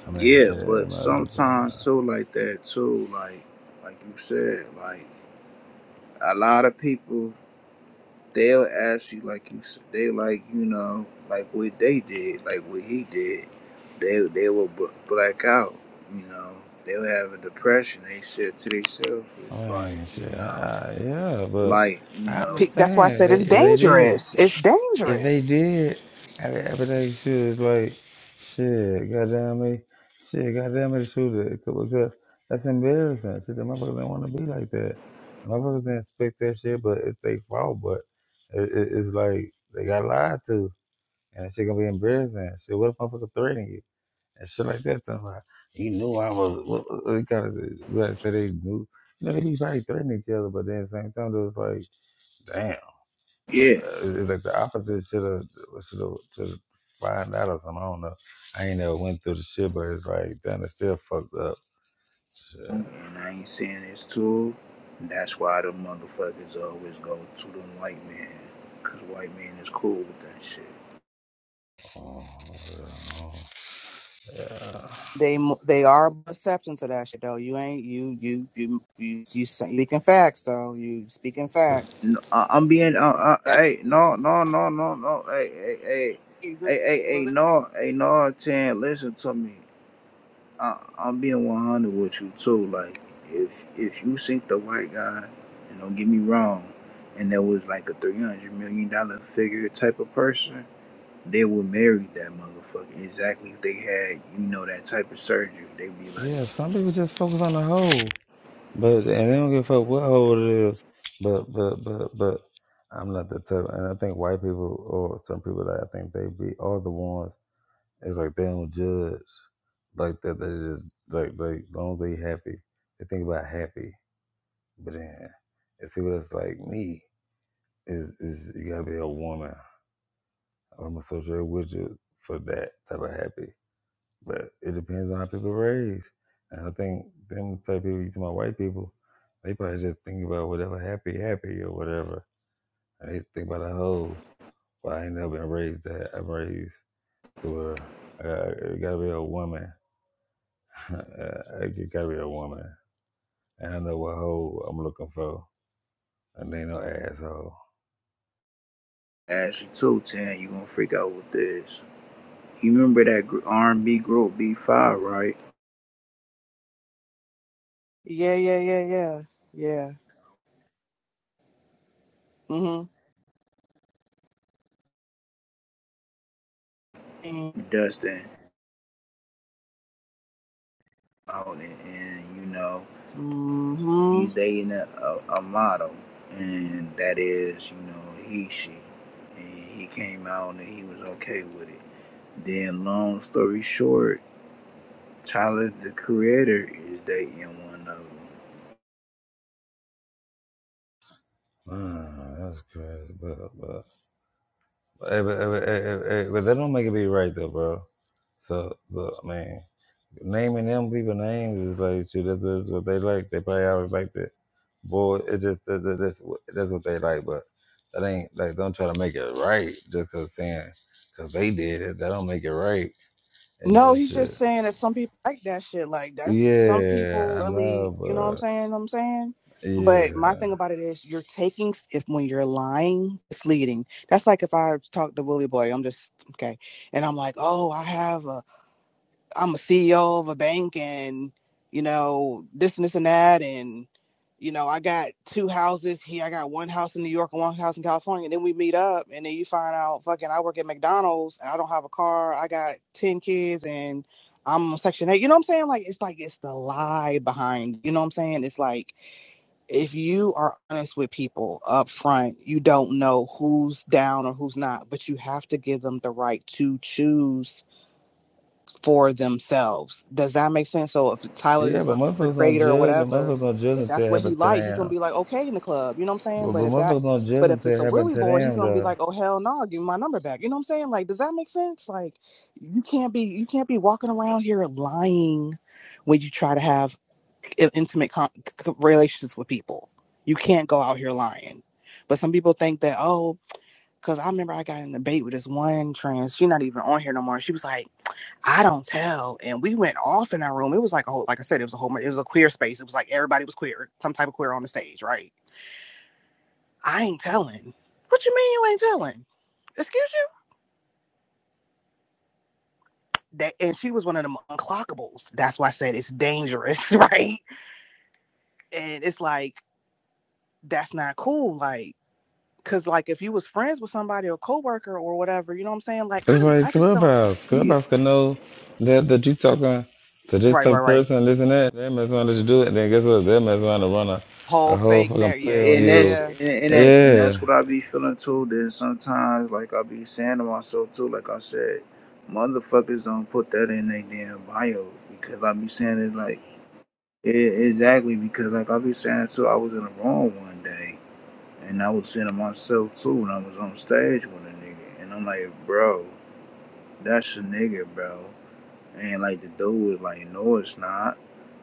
B: I mean,
E: Yeah,
B: yeah,
E: but
B: not a good thing.
E: sometimes too,
B: uh,
E: like that too, like like you said, like a lot of people they'll ask you, like you said, they like you know, like what they did, like what he did. They they will bl- black out, you know. They'll have a depression. They said to themselves,
B: I
E: it's like
B: mean, shit.
E: you
B: I,
E: know,
B: I- yeah, but
E: like you
B: I
E: know,
C: That's why I
B: understand if
C: said
B: they,
C: it's
B: if they did.
C: dangerous. It's
B: If they
C: dangerous.
B: did, I mean, everything shit is like, shit, goddamn me, shit, goddamn me to shoot it because that's embarrassing. Shit, the motherfuckers didn't want to be like that. The motherfuckers didn't expect that shit, but it's their fault. But it, it, it's like they got lied to, and that shit gonna be embarrassing. Shit, what if motherfucker threatening you and shit like that? Talking about you knew I was. What, what, what kind of we gotta say they knew? You know, they be probably threatening each other, but then at the same time, it was like, damn. But
E: yeah.
B: uh, it's like the opposite should have should have should find out or something. I don't know. I ain't never went through the shit, but it's like damn, it's still fucked up. Shit.
E: and I ain't saying it's true. That's why the motherfuckers always go to the white man, cause white man is cool with that shit.
B: Oh, yeah.
C: They they are exception to that shit though. You ain't you you you you you speaking facts though. You speaking facts.
E: No, I, I'm being, uh, uh,
C: yeah
E: hey, no, no, no, no, no, hey, hey, hey, hey, hey, hey, no, hey, no, Tan, listen to me. I, I'm being 100 with you too. Like, if if you sink the white guy, and don't get me wrong, and there was like a 300 million dollar figure type of person. They would marry that motherfucker. Exactly if they had, you know, that type of surgery. they be like,
B: Yeah. Some people just focus on the hole, but and they don't give a fuck what hole it is. But but but but I'm not the type, and I think white people or some people that I think they be are the ones. It's like they don't judge like that. They just like like as long as they happy, they think about happy. But then it's people that's like me is is you gotta be a woman. I'm associated with you for that type of happy. But it depends on how people are raised. And I think them type of people you talking about white people, they probably just think about whatever happy happy or whatever. And they think about a hoe. but I ain't never been raised that I'm raised to where I gotta, gotta be a woman. I it gotta be a woman. And I know what hoe I'm looking for. And they ain't no asshole.
E: Ashley too, Tan, you gonna freak out with this. You remember that R&B group B5, right?
C: yeah yeah yeah yeah. Mhm.
E: Dustin out and, and you know,
C: Mhm.
E: he's dating a, a, a model. And that is, you know, he, she. And he came out and he was okay with it. Then long story short, Tyler the creator is dating one of them.
B: Wow, that's crazy. But but hey, but, hey, but, hey, hey, hey, but that don't make it be right though, bro. So so I mean, naming them people names is like shoot, that's, that's what they like. They probably always like that. Boy, it just that, that, that's what- that's what they like. But that ain't like don't try to make it right just cause saying cause they did it. That don't make it right. It
C: No,
B: just
C: he's
B: shit.
C: just saying that some people like that shit. Like that's some
B: Yeah,
C: people
B: I
C: really,
B: know,
C: you know what I'm
B: but
C: saying? What I'm saying.
B: yeah,
C: But my thing about it is you're taking if when you're lying, it's leading. That's like if I talk to Willie Boy, I'm just okay. And I'm like, "Oh, I have a I'm a CEO of a bank and, you know, this and this and that. And, you know, I got two houses here. I got one house in New York and one house in California. And then we meet up and then you find out, fucking, I work at McDonald's. I don't have a car. I got 10 kids and I'm on Section 8. You know what I'm saying? Like, it's like, it's the lie behind, you know what I'm saying? It's like, if you are honest with people up front, you don't know who's down or who's not, but you have to give them the right to choose for themselves. Does that make sense? So if Tyler,
B: yeah, but
C: or the
B: motherfuckers don't
C: creator or
B: judge and
C: whatever,
B: motherfuckers don't judge
C: if
B: until
C: that's
B: it
C: what he
B: happened to
C: like, he gonna
B: them.
C: be like, okay, in the club, you know what I'm saying?
B: But,
C: But
B: but
C: if that,
B: motherfuckers don't judge
C: but if
B: until
C: it's
B: it
C: a
B: happened
C: Willie
B: to
C: boy, he's
B: them,
C: gonna be like,
B: though.
C: oh hell no, give me my number back. You know what I'm saying? Like, does that make sense? Like, you can't be you can't be walking around here lying when you try to have intimate con- relationships with people. You can't go out here lying. But some people think that oh, because I remember I got in a debate with this one trans. She's not even on here no more. She was like I don't tell. And we went off in our room. It was like a whole, like I said, it was a whole, it was a queer space. It was like everybody was queer, some type of queer on the stage, right? I ain't telling. What you mean you ain't telling? Excuse you? That, and she was one of them unclockables. That's why I said it's dangerous, right? And it's like, that's not cool. Like, cause like if you was friends with somebody or coworker or whatever, you know what I'm saying? Like, I
B: It's
C: don't, I
B: like
C: just don't.
B: Clubhouse.
E: Yeah.
B: Clubhouse can know that, that you talking to this
C: Right,
B: type
C: right,
B: of
C: right.
B: person, this and that. They mess around let you do it, then guess what? They mess around to run a,
C: Whole
B: a whole
C: fake
B: fucking
C: net. Yeah,
B: play on
E: and
C: yeah,
B: you.
E: that's
C: yeah.
E: and that, and
B: Yeah.
E: that's what I be feeling too. Then sometimes, like I be saying to myself too, like I said, motherfuckers don't put that in their damn bio because I be saying it like it, exactly because like I be saying too, I was in the wrong one day and I was saying to myself too when I was on stage with a nigga and I'm like, bro, that's a nigga, bro. And like the dude was like, no, it's not.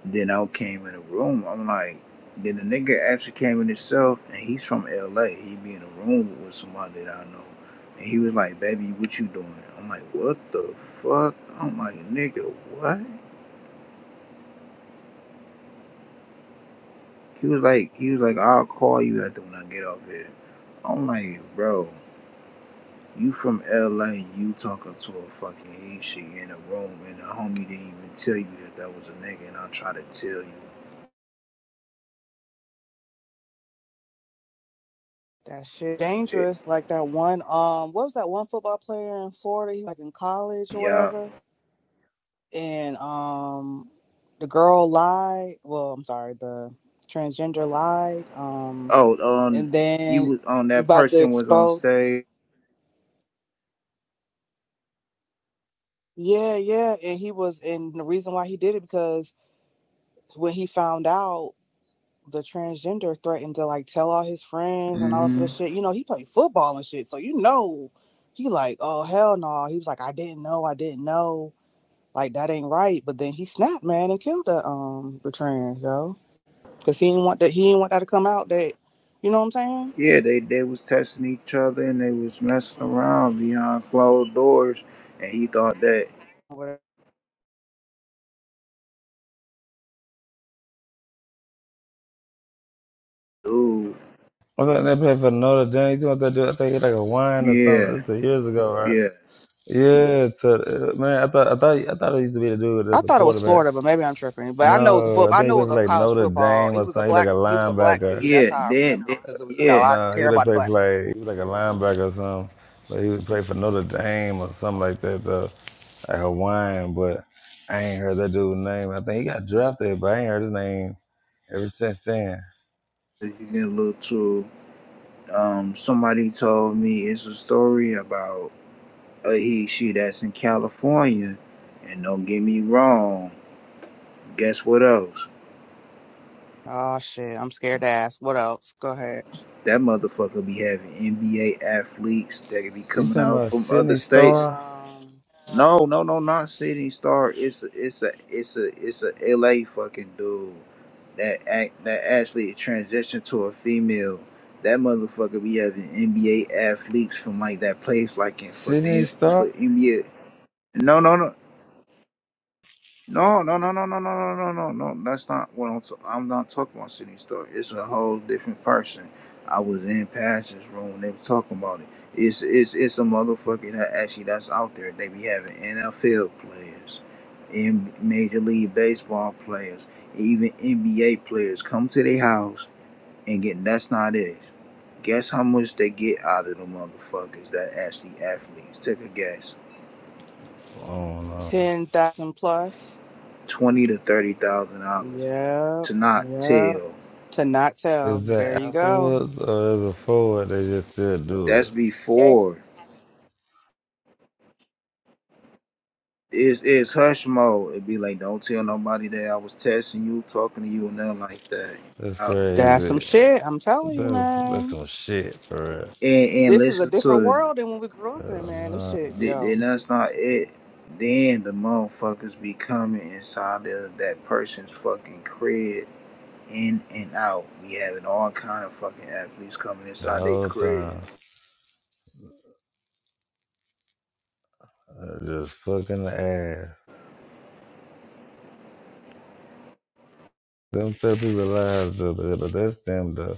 E: Then I came in the room. I'm like, then the nigga actually came in himself, and he's from LA. He be in a room with somebody that I know, and he was like, "Baby, what you doing?" I'm like, "What the fuck?" I'm like, "Nigga, what?" He was like, he was like, "I'll call you after when I get off here." I'm like, "Bro, you from LA? You talking to a fucking Asian in a room, and the homie didn't even tell you that that was a nigga, and I try to tell you."
C: That shit
E: It,
C: dangerous. Like that one, um, what was that one football player in Florida? He was, like in college or
E: yeah.
C: whatever. And um, the girl lied. Well, I'm sorry, the transgender lied. Um,
E: Oh, um,
C: and
E: you
C: then
E: was on that
C: about to
E: person was on
C: expose.
E: stage.
C: Yeah, yeah. And he was, and the reason why he did it because when he found out the transgender threatened to like tell all his friends and all this other
E: hmm
C: shit. You know, he played football and shit, so you know. He like, oh hell no. He was like, I didn't know, I didn't know Like that ain't right. But then he snapped, man, and killed the um the trans yo, because he didn't want that. He didn't want that to come out. That you know what I'm saying?
E: Yeah, they they was testing each other and they was messing
C: Mm,
E: around behind closed doors, and he thought that,
C: whatever.
E: ooh,
B: I was like, that play for Notre Dame. You know what they do? I think it's like a wine or something.
E: yeah,
B: This was years ago, right?
E: yeah,
B: Yeah, to, uh, man, I thought I thought I thought it used to be the dude
C: I
B: that's a
C: thought it was
B: quarterback.
C: Florida, but maybe I'm tripping. But I know it was a
B: No,
C: foot.
B: I
C: I
B: think he
C: know it
B: played for
C: was a
B: like
C: college
B: Notre
C: football.
B: Dame
C: He
B: or
C: was a
B: something. He like
C: black.
B: a
C: He was a black
B: linebacker.
C: dude. That's
E: yeah,
C: how I
E: then,
C: remember
E: then
C: because it was you know
E: yeah,
C: I
B: Nah, he
C: care
B: would
C: about the
B: play for
C: black
B: like
C: people.
B: he was like a linebacker or something. But he would play for Notre Dame or something like that though. Like Hawaiian, but I ain't heard that dude's name. I think he got drafted, but I ain't heard his name ever since then.
E: If you get a little too. Um, somebody told me it's a story about a he she that's in California, and don't get me wrong. Guess what else?
C: Oh shit, I'm scared to ask. What else? Go ahead.
E: That motherfucker be having NBA athletes that could be
B: You
E: coming
B: talking
E: out
B: about
E: from other
B: Sydney
E: states.
B: Star?
C: Um,
E: No, no, no, not City Star. It's a, it's a, it's a, it's a LA fucking dude that act that actually transitioned to a female. That motherfucker be having NBA athletes from like that place, like in for
B: Sydney
E: them for
B: Star?
E: NBA. No, no, no. No, no, no, no, no, no, no, no, no, no. That's not what I'm. T- I'm not talking about City Star. It's a whole different person. I was in Pastor's room when they were talking about it. It's it's it's a motherfucker that actually that's out there. They be having NFL players, in Major League Baseball players, even NBA players come to their house and get. That's not it. Guess how much they get out of the motherfuckers that actually athletes. Take a guess.
B: I don't know.
C: ten thousand plus.
E: Twenty to thirty thousand dollars
C: Yep,
E: to not
C: yep.
E: tell
C: To not tell.
B: Is
C: There
B: that
C: you go.
B: afterwards or before they just still do
E: That's
B: it?
C: Yay
E: before. It's it's hush mode. It'd be like, don't tell nobody that I was texting you, talking to you, and nothing like that.
B: That's
E: Yeah.
C: That's some
B: crazy.
C: shit. I'm telling you,
B: That's that's
C: man.
B: some shit for real.
E: And and
C: This is a
E: listen
C: different
E: to
C: world than when we grew up in,
B: Hell
C: man. This
B: nah,
C: shit,
E: it. Then
C: yo.
E: that's not it. Then the motherfuckers be coming inside of that person's fucking crib, in and out. We having all kind of fucking athletes coming
B: the
E: inside their
B: whole
E: crib.
B: time. uh, Just fucking the ass. Them tell people lies though, but, but that's them though.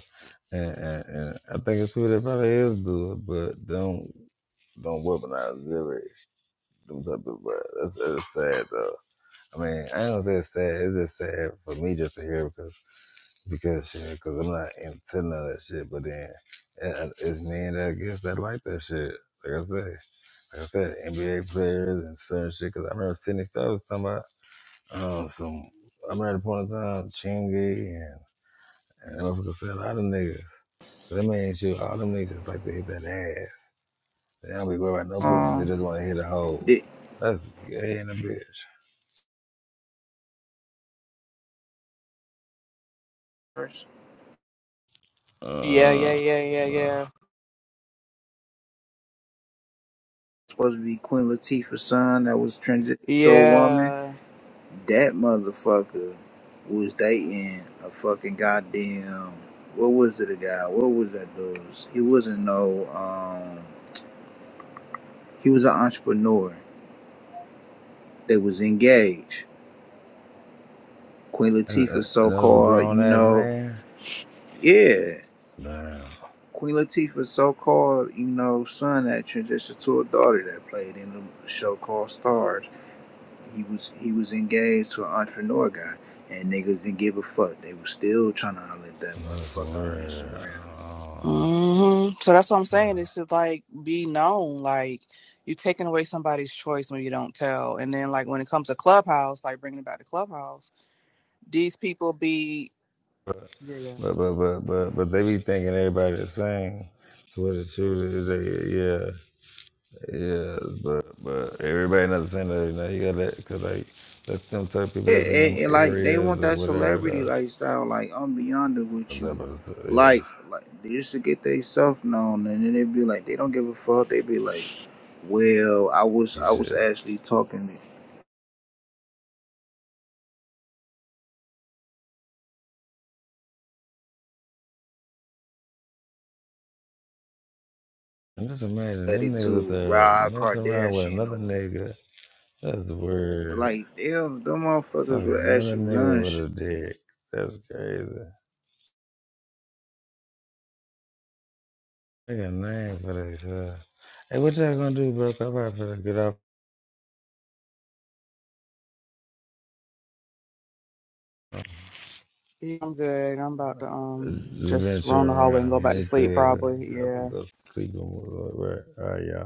B: And, and, and I think it's people that probably is do it, but don't don't weaponize lyrics. Them type of but that's, that's sad though. I mean, I don't say it's sad. It's just sad for me just to hear because because shit, because I'm not into none of that shit. But then it, it's men that I guess that like that shit. Like I say, like I said, NBA players and certain shit. Because I remember Sydney Star was talking about um, some. I remember at the point in time, Chingy and. And that motherfucker said all them niggas. So them ain't shoot. All them niggas like to hit that ass. They don't be worried about no pussy. They
E: Um,
B: just want to hit a hole.
E: the
B: That's gay in a bitch.
E: first
C: Yeah, yeah,
B: Uh,
C: yeah, yeah,
B: uh,
C: yeah.
E: supposed to be Queen Latifah's son that was transitioned to a woman.
C: Yeah.
E: That motherfucker was dating a fucking goddamn. What was it, a guy? What was that dude? He wasn't no. Um, he was an entrepreneur. They was engaged. Queen
B: And, uh,
E: Latifah's
B: and that was a
E: so-called, you
B: grown ass
E: know,
B: man.
E: yeah.
B: Damn,
E: Queen Latifah's so-called, you know, son that transitioned to a daughter that played in a show called Stars. He was he was engaged to an entrepreneur guy, and niggas didn't give a fuck. They was still trying to holler at that
B: that's
E: motherfucker on
B: weird.
E: Instagram.
B: Uh,
C: hmm So that's what I'm saying. It's just like be known. Like you are taking away somebody's choice when you don't tell. And then like when it comes to Clubhouse, like bringing it back to Clubhouse, these people be. Yeah, yeah.
B: but but but but but they be thinking everybody the same. So what the truth is, they, yeah. Yes, but but everybody not the same. You know, you got that because like that's them type of people
E: Yeah,
B: that's in
E: and,
B: them
E: and like they want
B: areas or
E: that
B: whatever.
E: celebrity
B: Though,
E: lifestyle. Like I'm beyond it
B: On
E: with you.
B: top of the s- yeah,
E: Like, like they used to get they self known, and then they be like, they don't give a fuck. They be like, well, I was,
B: you
E: I was
B: should.
E: actually talking
B: And just imagine
E: at
B: them
E: it
B: niggas up
E: to
B: there
E: Rod
B: messing around with
E: Kardashian
B: another
E: or
B: nigga. That's weird.
E: like them, them
B: Fucking
E: motherfuckers would
B: another
E: actually
B: nigga
E: run shit.
B: with a dick. That's crazy. They got a name for themselves. Hey, what y'all gonna do, bro? 'Cause I'm about to get off,
C: Yeah, I'm good. I'm about to um just roam
B: venture
C: the hallway and go
B: around.
C: back to
B: Me
C: sleep
B: too.
C: probably.
B: Gotta
C: Yeah.
B: go sleep and whatever. All right, y'all.